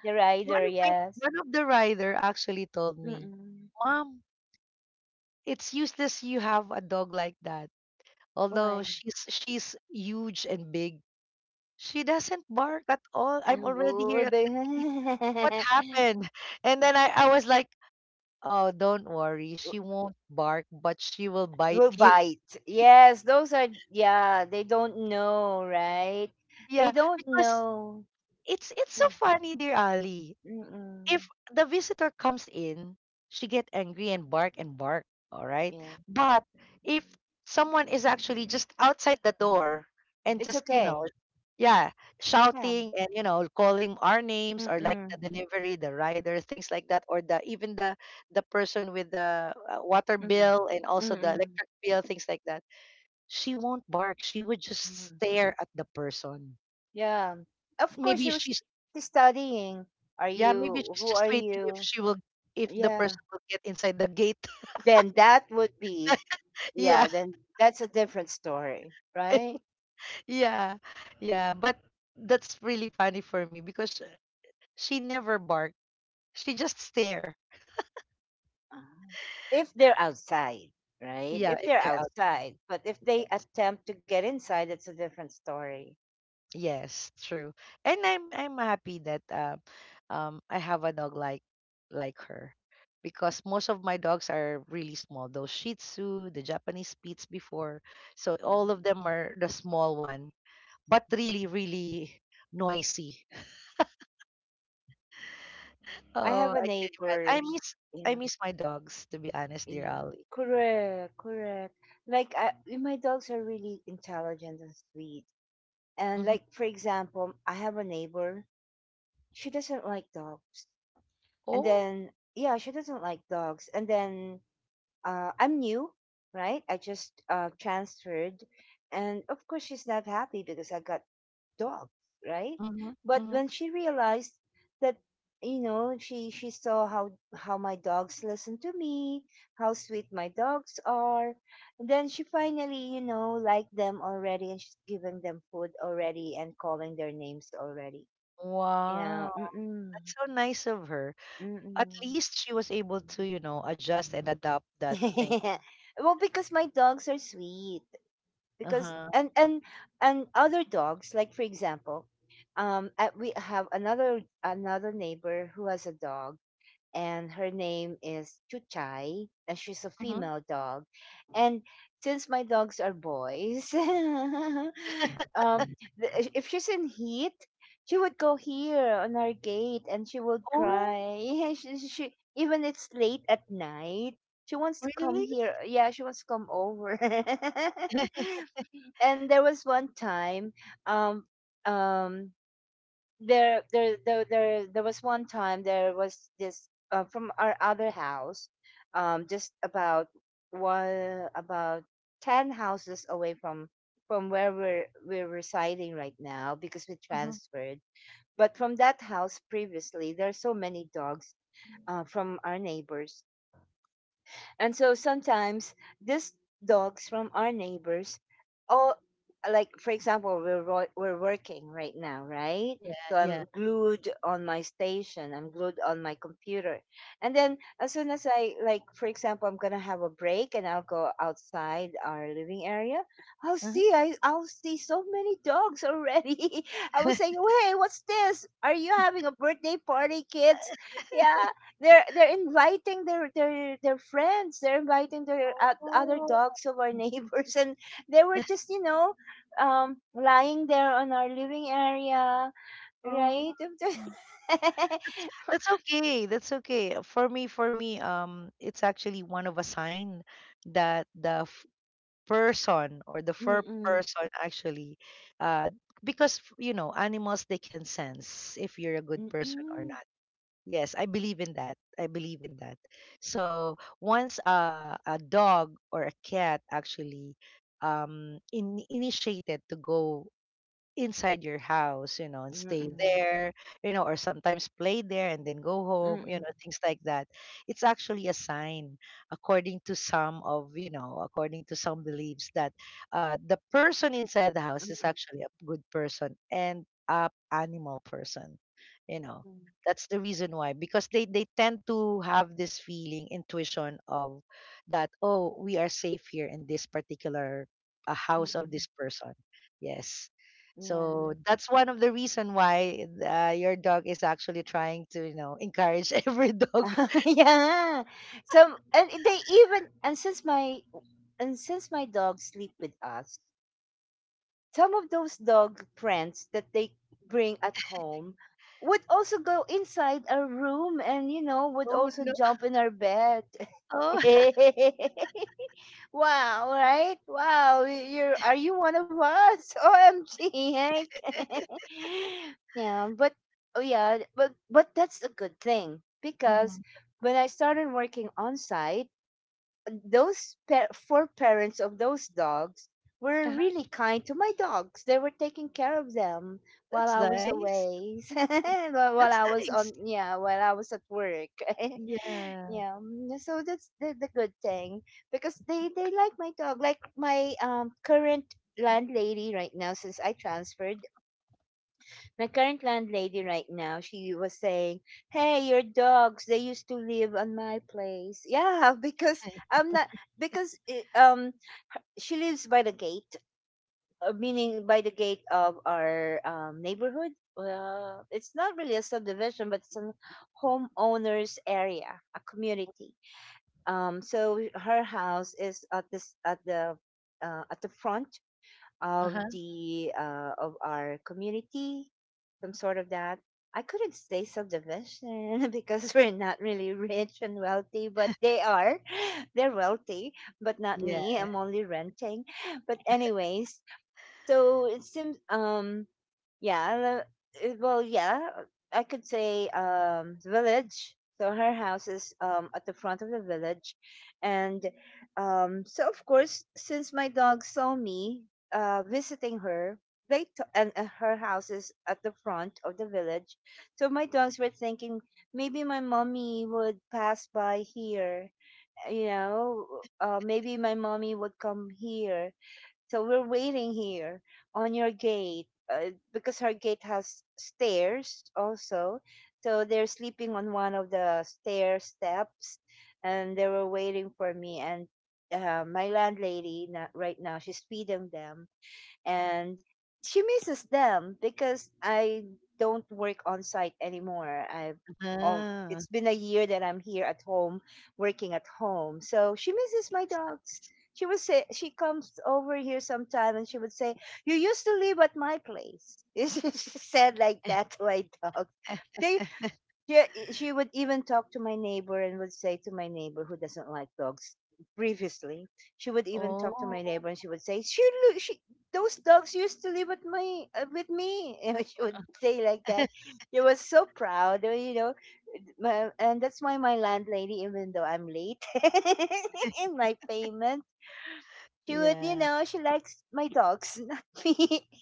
[SPEAKER 1] The
[SPEAKER 2] One
[SPEAKER 1] rider,
[SPEAKER 2] of my,
[SPEAKER 1] yes.
[SPEAKER 2] one of the rider actually told me,
[SPEAKER 1] Mm-mm.
[SPEAKER 2] "Mom, it's useless you have a dog like that. Although
[SPEAKER 1] Why?
[SPEAKER 2] she's huge and big, she doesn't bark at all. I'm
[SPEAKER 1] Um,
[SPEAKER 2] already here at the gate. What happened?" [laughs] And then I was like, "Oh, don't worry. She
[SPEAKER 1] [laughs] [laughs]
[SPEAKER 2] won't bark, but she will bite
[SPEAKER 1] Will
[SPEAKER 2] you." [laughs]
[SPEAKER 1] bite. Yes, those are, yeah, they don't know, right?
[SPEAKER 2] Yeah,
[SPEAKER 1] They don't
[SPEAKER 2] because
[SPEAKER 1] know.
[SPEAKER 2] it's so
[SPEAKER 1] Mm,
[SPEAKER 2] funny, dear Ali.
[SPEAKER 1] mm-mm.
[SPEAKER 2] If the visitor comes in, she get angry and bark, all right?
[SPEAKER 1] Yeah,
[SPEAKER 2] But if someone is actually just outside the door and
[SPEAKER 1] it's
[SPEAKER 2] just, you know,
[SPEAKER 1] okay.
[SPEAKER 2] yeah,
[SPEAKER 1] Yeah.
[SPEAKER 2] shouting and, you know, calling our names, or like
[SPEAKER 1] Mm-mm.
[SPEAKER 2] the delivery, the rider, things like that, or the even the person with the water
[SPEAKER 1] Mm-mm.
[SPEAKER 2] bill and also the
[SPEAKER 1] Mm-mm.
[SPEAKER 2] electric bill, things like that, she won't bark. She would just
[SPEAKER 1] Mm-mm.
[SPEAKER 2] stare at the person.
[SPEAKER 1] Yeah. Of course,
[SPEAKER 2] Maybe
[SPEAKER 1] you was
[SPEAKER 2] she's,
[SPEAKER 1] studying. Are
[SPEAKER 2] yeah, maybe
[SPEAKER 1] you,
[SPEAKER 2] she's
[SPEAKER 1] who
[SPEAKER 2] just
[SPEAKER 1] are
[SPEAKER 2] waiting if
[SPEAKER 1] you?
[SPEAKER 2] she will, if the
[SPEAKER 1] Yeah.
[SPEAKER 2] person will get inside the gate. [laughs]
[SPEAKER 1] Then that would be,
[SPEAKER 2] Yeah.
[SPEAKER 1] yeah, then that's a different story, right?
[SPEAKER 2] [laughs] Yeah. Yeah, but that's really funny for me, because she never bark. She just stare.
[SPEAKER 1] Ah, if they're outside, right?
[SPEAKER 2] Yeah,
[SPEAKER 1] If
[SPEAKER 2] if
[SPEAKER 1] they're
[SPEAKER 2] they're out.
[SPEAKER 1] outside, but if they attempt to get inside, it's a different story.
[SPEAKER 2] Yes, true. And I'm happy that I have a dog like her, because most of my dogs are really small. Those Shih Tzu, the Japanese Spitz before, so all of them are the small one, but really really noisy.
[SPEAKER 1] I
[SPEAKER 2] Oh,
[SPEAKER 1] have a
[SPEAKER 2] I can imagine. I
[SPEAKER 1] neighbor.
[SPEAKER 2] miss, I
[SPEAKER 1] Yeah,
[SPEAKER 2] miss my dogs, to be honest, dear
[SPEAKER 1] yeah.
[SPEAKER 2] Ali.
[SPEAKER 1] Correct, correct. Like, my dogs are really intelligent and sweet. And,
[SPEAKER 2] Hmm.
[SPEAKER 1] like, for example, I have a neighbor. She doesn't like dogs. And
[SPEAKER 2] Oh,
[SPEAKER 1] then, yeah, she doesn't like dogs. And then, I'm new, right? I just transferred. And, of course, she's not happy because I got dog, right?
[SPEAKER 2] mm-hmm,
[SPEAKER 1] But
[SPEAKER 2] mm-hmm.
[SPEAKER 1] when she realized that, she saw how my dogs listen to me, how sweet my dogs are, then she finally, liked them already, and she's giving them food already and calling their names already. Yeah.
[SPEAKER 2] Wow.
[SPEAKER 1] Mm-mm.
[SPEAKER 2] That's so nice of her. At
[SPEAKER 1] Mm-mm.
[SPEAKER 2] least she was able to, you know, adjust and adapt that thing.
[SPEAKER 1] [laughs] well, because my dogs are sweet. Because
[SPEAKER 2] Uh-huh.
[SPEAKER 1] And other dogs, like, for example, we have another neighbor who has a dog, and her name is Chuchai, and she's a
[SPEAKER 2] Mm-hmm.
[SPEAKER 1] female dog. And since my dogs are boys, [laughs] um
[SPEAKER 2] [laughs]
[SPEAKER 1] if she's in heat, she would go here on our gate and she would
[SPEAKER 2] Oh,
[SPEAKER 1] cry. [laughs] She- even it's late at night, she wants to come
[SPEAKER 2] really?
[SPEAKER 1] here. Yeah, she wants to come over. [laughs]
[SPEAKER 2] [laughs]
[SPEAKER 1] and there was one time, um um there was one time there was this, from our other house, just about one about 10 houses away from where we're residing right now because we
[SPEAKER 2] Mhm.
[SPEAKER 1] transferred. But from that house previously, there are so many dogs, from our neighbors. And so sometimes these dogs from our neighbors, all, like, for example, we're working right now, right?
[SPEAKER 2] Yeah,
[SPEAKER 1] So
[SPEAKER 2] yeah.
[SPEAKER 1] I'm glued on my station. I'm glued on my computer, and then as soon as I, like, for example, I'm gonna have a break and I'll go outside our living area.
[SPEAKER 2] Uh-huh.
[SPEAKER 1] I'll see so many dogs already. [laughs] I was saying,
[SPEAKER 2] [laughs]
[SPEAKER 1] hey, what's this? Are you having a birthday party, kids? Yeah, they're inviting their friends. They're inviting their other
[SPEAKER 2] Oh,
[SPEAKER 1] dogs of our [laughs] neighbors. And they were just, you know, lying there on our living area, right?
[SPEAKER 2] oh.
[SPEAKER 1] [laughs]
[SPEAKER 2] That's okay. That's okay. For me, it's actually one of a sign that the person or the fur
[SPEAKER 1] Mm-mm.
[SPEAKER 2] person actually, uh because you know, animals, they can sense if you're a good person or
[SPEAKER 1] Mm-mm.
[SPEAKER 2] not. Yes, I believe in that, I believe in that. So once, a dog or a cat actually, initiated to go inside your house, you know, and stay
[SPEAKER 1] Mm-mm.
[SPEAKER 2] there, you know, or sometimes play there and then go home, you
[SPEAKER 1] Mm-mm.
[SPEAKER 2] know, things like that. It's actually a sign, according to some of, you know, according to some beliefs, that the person inside the house is
[SPEAKER 1] Mm-mm.
[SPEAKER 2] actually a good person and a animal person, you know. That's the reason why, because they tend to have this feeling, intuition of that, oh, we are safe here in this particular house of
[SPEAKER 1] Mm-mm.
[SPEAKER 2] this person. Yes.
[SPEAKER 1] Yeah.
[SPEAKER 2] So that's one of the reason why your dog is actually trying to, you know, encourage [laughs] every dog.
[SPEAKER 1] [laughs] yeah. So, and they even, and since my dogs sleep with us, some of those dog friends that they bring at home would also go inside our room and, you know, would
[SPEAKER 2] Oh
[SPEAKER 1] also
[SPEAKER 2] no!
[SPEAKER 1] jump in our bed. [laughs]
[SPEAKER 2] Oh,
[SPEAKER 1] wow, right? Wow, you're, are you one of us? [laughs] omg, Hank. [laughs] yeah, but oh, yeah, but that's a good thing
[SPEAKER 2] [laughs]
[SPEAKER 1] because
[SPEAKER 2] Mhm.
[SPEAKER 1] when I started working on site, those four parents of those dogs were
[SPEAKER 2] Uh-huh.
[SPEAKER 1] really kind to my dogs. They were taking care of them while
[SPEAKER 2] That's
[SPEAKER 1] I was
[SPEAKER 2] nice.
[SPEAKER 1] away, [laughs]
[SPEAKER 2] Oh,
[SPEAKER 1] while
[SPEAKER 2] that's
[SPEAKER 1] I was on,
[SPEAKER 2] nice.
[SPEAKER 1] yeah, while I was at work. [laughs]
[SPEAKER 2] Yeah.
[SPEAKER 1] yeah, so that's the good thing because they like my dog. Like my current landlady right now since I transferred, my current landlady right now, she was saying, "Hey, your dogs, they used to live on my place." Yeah, [laughs] because I'm not because eh, she lives by the gate, meaning by the gate of our neighborhood. Well, it's not really a subdivision, but it's a homeowners area, a community. So her house is at this at the front
[SPEAKER 2] Uh
[SPEAKER 1] of
[SPEAKER 2] huh.
[SPEAKER 1] the of our community, some sort of that. I couldn't say subdivision [laughs] because we're not really rich and wealthy, but they are. [laughs] They're wealthy, but not me.
[SPEAKER 2] Yeah.
[SPEAKER 1] I'm only renting. But anyways, so it seems yeah, uh, yeah, I could say the village. So her house is at the front of the village. And so of course, since my dog saw me visiting her, they t- and her house is at the front of the village, so my dogs were thinking, maybe my mommy would pass by here, you know, maybe my mommy would come here, so we're waiting here on your gate, because her gate has stairs also. So they're sleeping on one of the stair steps and they were waiting for me. And my landlady, right now, she's feeding them, and she misses them because I don't work on site anymore. I've
[SPEAKER 2] Uh-huh.
[SPEAKER 1] it's been a year that I'm here at home, working at home. So she misses my
[SPEAKER 2] That's
[SPEAKER 1] dogs.
[SPEAKER 2] nice.
[SPEAKER 1] She would say she comes over here sometime, and she would say, "You used to live at my place." [laughs] she said like that to my dog. They she, she would even talk to my neighbor and would say to my neighbor who doesn't like dogs previously. She would even talk to
[SPEAKER 2] Oh.
[SPEAKER 1] my neighbor and she would say, she, those dogs used to live with my, with me. [laughs] and she would say like that.
[SPEAKER 2] [laughs]
[SPEAKER 1] She was so proud, you know. My, and that's why my landlady, even though I'm late [laughs] in my payment, she would, you
[SPEAKER 2] Yeah.
[SPEAKER 1] know, she likes my dogs, [laughs] not me. [laughs]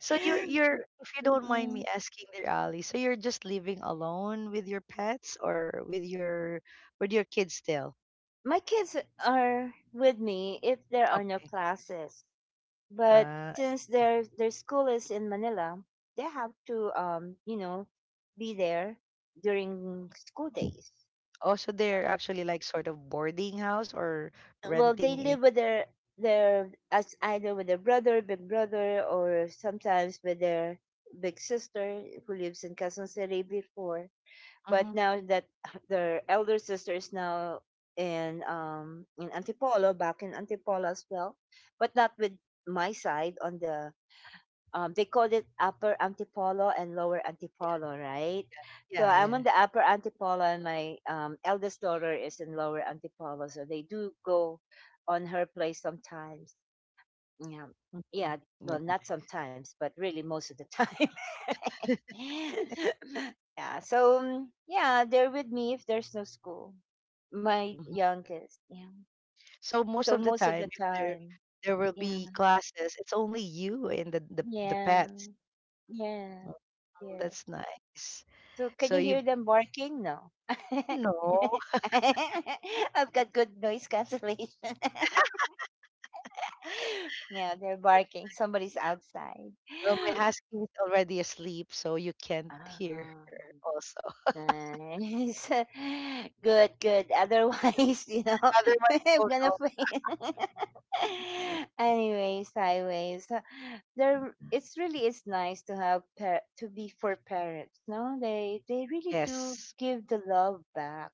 [SPEAKER 2] So you're, if you don't mind me
[SPEAKER 1] Mm-mm.
[SPEAKER 2] asking there, Ali, so you're just living alone with your pets, or with your, with your kids still?
[SPEAKER 1] My kids are with me if there are no
[SPEAKER 2] Okay.
[SPEAKER 1] classes, but
[SPEAKER 2] Uh.
[SPEAKER 1] since their school is in Manila, they have to, you know, be there during school days.
[SPEAKER 2] Oh, so they're actually like sort of boarding house or
[SPEAKER 1] Well, they
[SPEAKER 2] renting a,
[SPEAKER 1] live with their as either with their brother, big brother, or sometimes with their big sister who lives in Quezon City before. But
[SPEAKER 2] mhm.
[SPEAKER 1] now that their elder sister is now in Antipolo, back in Antipolo as well, but not with my side on the they called it upper Antipolo and lower Antipolo, right? So
[SPEAKER 2] Yeah,
[SPEAKER 1] I'm
[SPEAKER 2] yeah.
[SPEAKER 1] on the upper Antipolo and my eldest daughter is in lower Antipolo. So they do go on her place sometimes. Yeah.
[SPEAKER 2] Mhm.
[SPEAKER 1] Yeah. Well,
[SPEAKER 2] Yeah.
[SPEAKER 1] not sometimes, but really most of the time.
[SPEAKER 2] [laughs]
[SPEAKER 1] [laughs] yeah. So, yeah, they're with me if there's no school. My
[SPEAKER 2] Mhm.
[SPEAKER 1] youngest. Yeah.
[SPEAKER 2] So most
[SPEAKER 1] So,
[SPEAKER 2] of the
[SPEAKER 1] most of
[SPEAKER 2] time,
[SPEAKER 1] the
[SPEAKER 2] if there
[SPEAKER 1] time.
[SPEAKER 2] there will
[SPEAKER 1] Yeah.
[SPEAKER 2] be classes, it's only you and the
[SPEAKER 1] Yeah.
[SPEAKER 2] pets.
[SPEAKER 1] Yeah.
[SPEAKER 2] Oh,
[SPEAKER 1] Yes.
[SPEAKER 2] that's nice.
[SPEAKER 1] So, can
[SPEAKER 2] So
[SPEAKER 1] you
[SPEAKER 2] you,
[SPEAKER 1] hear them barking? No. [laughs]
[SPEAKER 2] no,
[SPEAKER 1] I've got good noise cancellation. [laughs] yeah, they're barking. Somebody's outside. [gasps]
[SPEAKER 2] well, my husky is already asleep, so you can't hear
[SPEAKER 1] Ah.
[SPEAKER 2] her also.
[SPEAKER 1] Nice. [laughs] Good, good. Otherwise, [laughs] you know, [laughs]
[SPEAKER 2] [laughs] Otherwise,
[SPEAKER 1] I'm
[SPEAKER 2] oh
[SPEAKER 1] gonna
[SPEAKER 2] no,
[SPEAKER 1] fail. [laughs] anyways, anyways, there it's really, it's nice to have to be for parents. No, they really do
[SPEAKER 2] yes.
[SPEAKER 1] give the love back.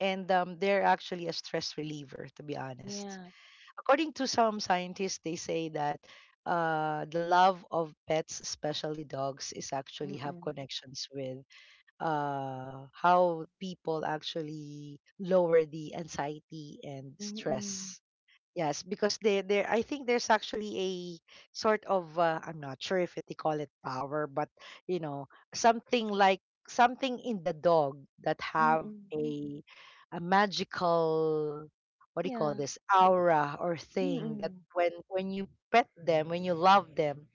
[SPEAKER 2] And they're actually a stress reliever, to be honest.
[SPEAKER 1] Yeah.
[SPEAKER 2] According to some scientists, they say that the love of pets, especially dogs, is actually have
[SPEAKER 1] Mm-mm.
[SPEAKER 2] connections with how people actually lower the anxiety and
[SPEAKER 1] Mm-mm.
[SPEAKER 2] stress. Yes, because they, there, I think there's actually a sort of I'm not sure if it, they call it power, but you know, something like something in the dog that have
[SPEAKER 1] Mm-mm.
[SPEAKER 2] a a magical, what do you call
[SPEAKER 1] Yeah.
[SPEAKER 2] this, aura or thing, that
[SPEAKER 1] Mm-mm.
[SPEAKER 2] when you pet them, when you love them,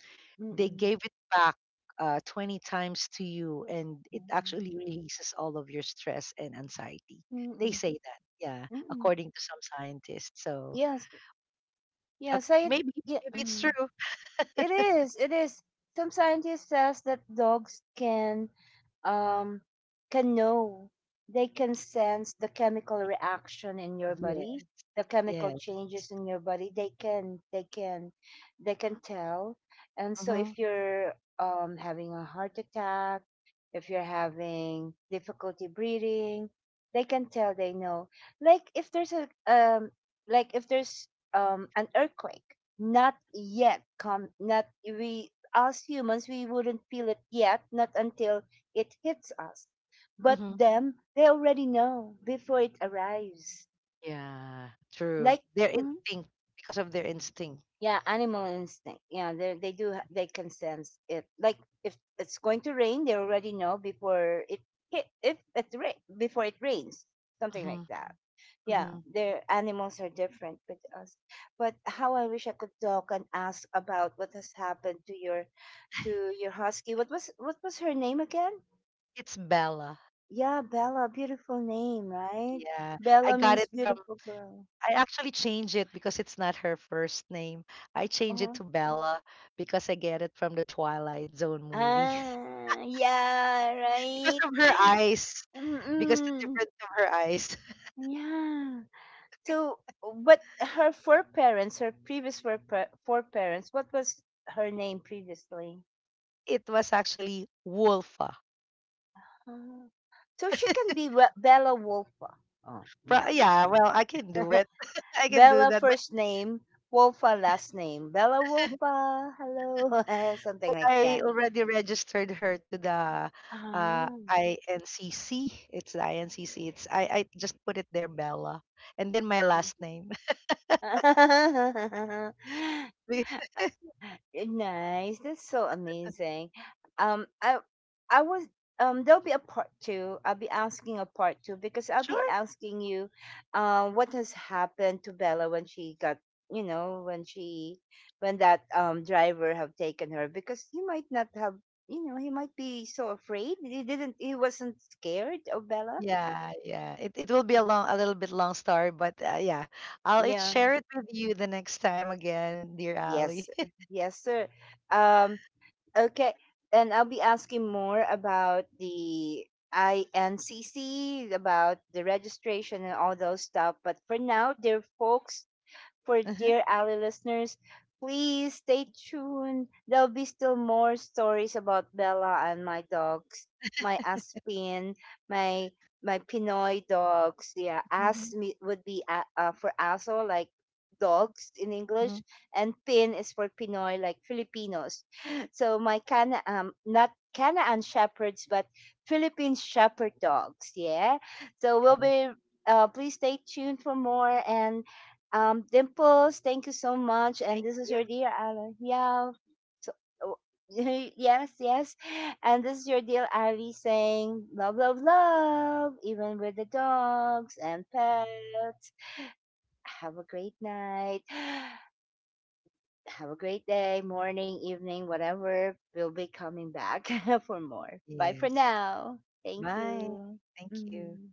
[SPEAKER 2] they
[SPEAKER 1] Mm-mm.
[SPEAKER 2] gave it back 20 times to you, and it
[SPEAKER 1] Mm-mm.
[SPEAKER 2] actually releases all of your stress and anxiety. They
[SPEAKER 1] Mm-mm.
[SPEAKER 2] say that, yeah,
[SPEAKER 1] Mm-mm.
[SPEAKER 2] according to some scientists. So
[SPEAKER 1] Yes.
[SPEAKER 2] uh,
[SPEAKER 1] Yes. I.
[SPEAKER 2] maybe,
[SPEAKER 1] Yeah.
[SPEAKER 2] maybe it's true.
[SPEAKER 1] Uh-huh. It is. It is. Some scientists says that dogs um can know. They can sense the chemical reaction in your
[SPEAKER 2] Yeah,
[SPEAKER 1] body, the chemical
[SPEAKER 2] yeah.
[SPEAKER 1] changes in your body. They can tell. And so
[SPEAKER 2] Mm-hmm.
[SPEAKER 1] if you're having a heart attack, if you're having difficulty breathing, they can tell, they know. Like if there's a like if there's an earthquake, not yet. Not, we as humans, we wouldn't feel it yet, not until it hits us. But
[SPEAKER 2] Mm-hmm.
[SPEAKER 1] them, they already know before it arrives.
[SPEAKER 2] Yeah. True.
[SPEAKER 1] Like
[SPEAKER 2] Their
[SPEAKER 1] mm-hmm.
[SPEAKER 2] instinct, because of their instinct.
[SPEAKER 1] Yeah, animal instinct. Yeah, they, they can sense it. Like if it's going to rain, they already know before it hit if it rain before it rains, something
[SPEAKER 2] Mm-hmm.
[SPEAKER 1] like that. Yeah,
[SPEAKER 2] Mm-hmm.
[SPEAKER 1] their animals are different with us. But how I wish I could talk and ask about what has happened to your husky. What was her name again?
[SPEAKER 2] It's Bella.
[SPEAKER 1] Yeah, Bella, beautiful name, right?
[SPEAKER 2] Yeah, I
[SPEAKER 1] Bella
[SPEAKER 2] got
[SPEAKER 1] means
[SPEAKER 2] it from.
[SPEAKER 1] beautiful girl.
[SPEAKER 2] I actually changed it because it's not her first name. I changed
[SPEAKER 1] Uh-huh.
[SPEAKER 2] it to Bella because I get it from the Twilight Zone movie
[SPEAKER 1] Ah, yeah,
[SPEAKER 2] [laughs] because
[SPEAKER 1] right.
[SPEAKER 2] of her eyes. Because the
[SPEAKER 1] Mm-mm.
[SPEAKER 2] difference of her eyes, [laughs]
[SPEAKER 1] Yeah. So, but her foreparents, her previous foreparents, what was her name previously?
[SPEAKER 2] it was actually Wolfa.
[SPEAKER 1] Uh, so she can be Bella Wolfa. Oh,
[SPEAKER 2] Pro-
[SPEAKER 1] yeah.
[SPEAKER 2] yeah, well, I can do it. [laughs]
[SPEAKER 1] [laughs]
[SPEAKER 2] I can do
[SPEAKER 1] Bella
[SPEAKER 2] that.
[SPEAKER 1] first name, Wolfa last name. Bella Wolfa, hello, [laughs] something like
[SPEAKER 2] I
[SPEAKER 1] that.
[SPEAKER 2] already registered her to the uh,
[SPEAKER 1] Ah.
[SPEAKER 2] INCC. It's the INCC. It's I just put it there, Bella, and then my last name. [laughs] Be-
[SPEAKER 1] [laughs] Nice. That's so amazing. Um, I I was there'll be a part two. I'll be asking a part two because I'll be
[SPEAKER 2] sure.
[SPEAKER 1] asking you, what has happened to Bella when she got, you know, when that driver have taken her because he might not have, you know, he might be so afraid, he wasn't scared of Bella.
[SPEAKER 2] Yeah, yeah. It will be a long, a little bit long story, but yeah,
[SPEAKER 1] Yeah.
[SPEAKER 2] share it with you the next time again, dear
[SPEAKER 1] Yes,
[SPEAKER 2] Ali.
[SPEAKER 1] sir.
[SPEAKER 2] [laughs]
[SPEAKER 1] Yes, sir. Um. Okay, and I'll be asking more about the INCC, about the registration and all those stuff. But for now, dear folks, for
[SPEAKER 2] Uh-huh.
[SPEAKER 1] dear Ali listeners. Please stay tuned. There'll be still more stories about Bella and my dogs, my Aspin, my my Pinoy dogs. Yeah,
[SPEAKER 2] Hmm.
[SPEAKER 1] As me- would be a- for Aso, like dogs in
[SPEAKER 2] Hmm.
[SPEAKER 1] English, and Pin is for Pinoy, like Filipinos. [gasps] So my Cana, not Canaan shepherds, but Philippine shepherd dogs. Yeah. So we'll
[SPEAKER 2] [laughs]
[SPEAKER 1] be. Please stay tuned for more and Dimples, thank you so much. And this is
[SPEAKER 2] Yeah.
[SPEAKER 1] your dear Ali. Yeah. So, oh, [laughs] yes, yes. And this is your dear Ali saying, love, love, love, even with the dogs and pets. Have a great night. [sighs] Have a great day, morning, evening, whatever. We'll be coming back [laughs] for more. Bye for
[SPEAKER 2] Yes.
[SPEAKER 1] now. Thank
[SPEAKER 2] Bye.
[SPEAKER 1] you.
[SPEAKER 2] Thank you.
[SPEAKER 1] Mhm.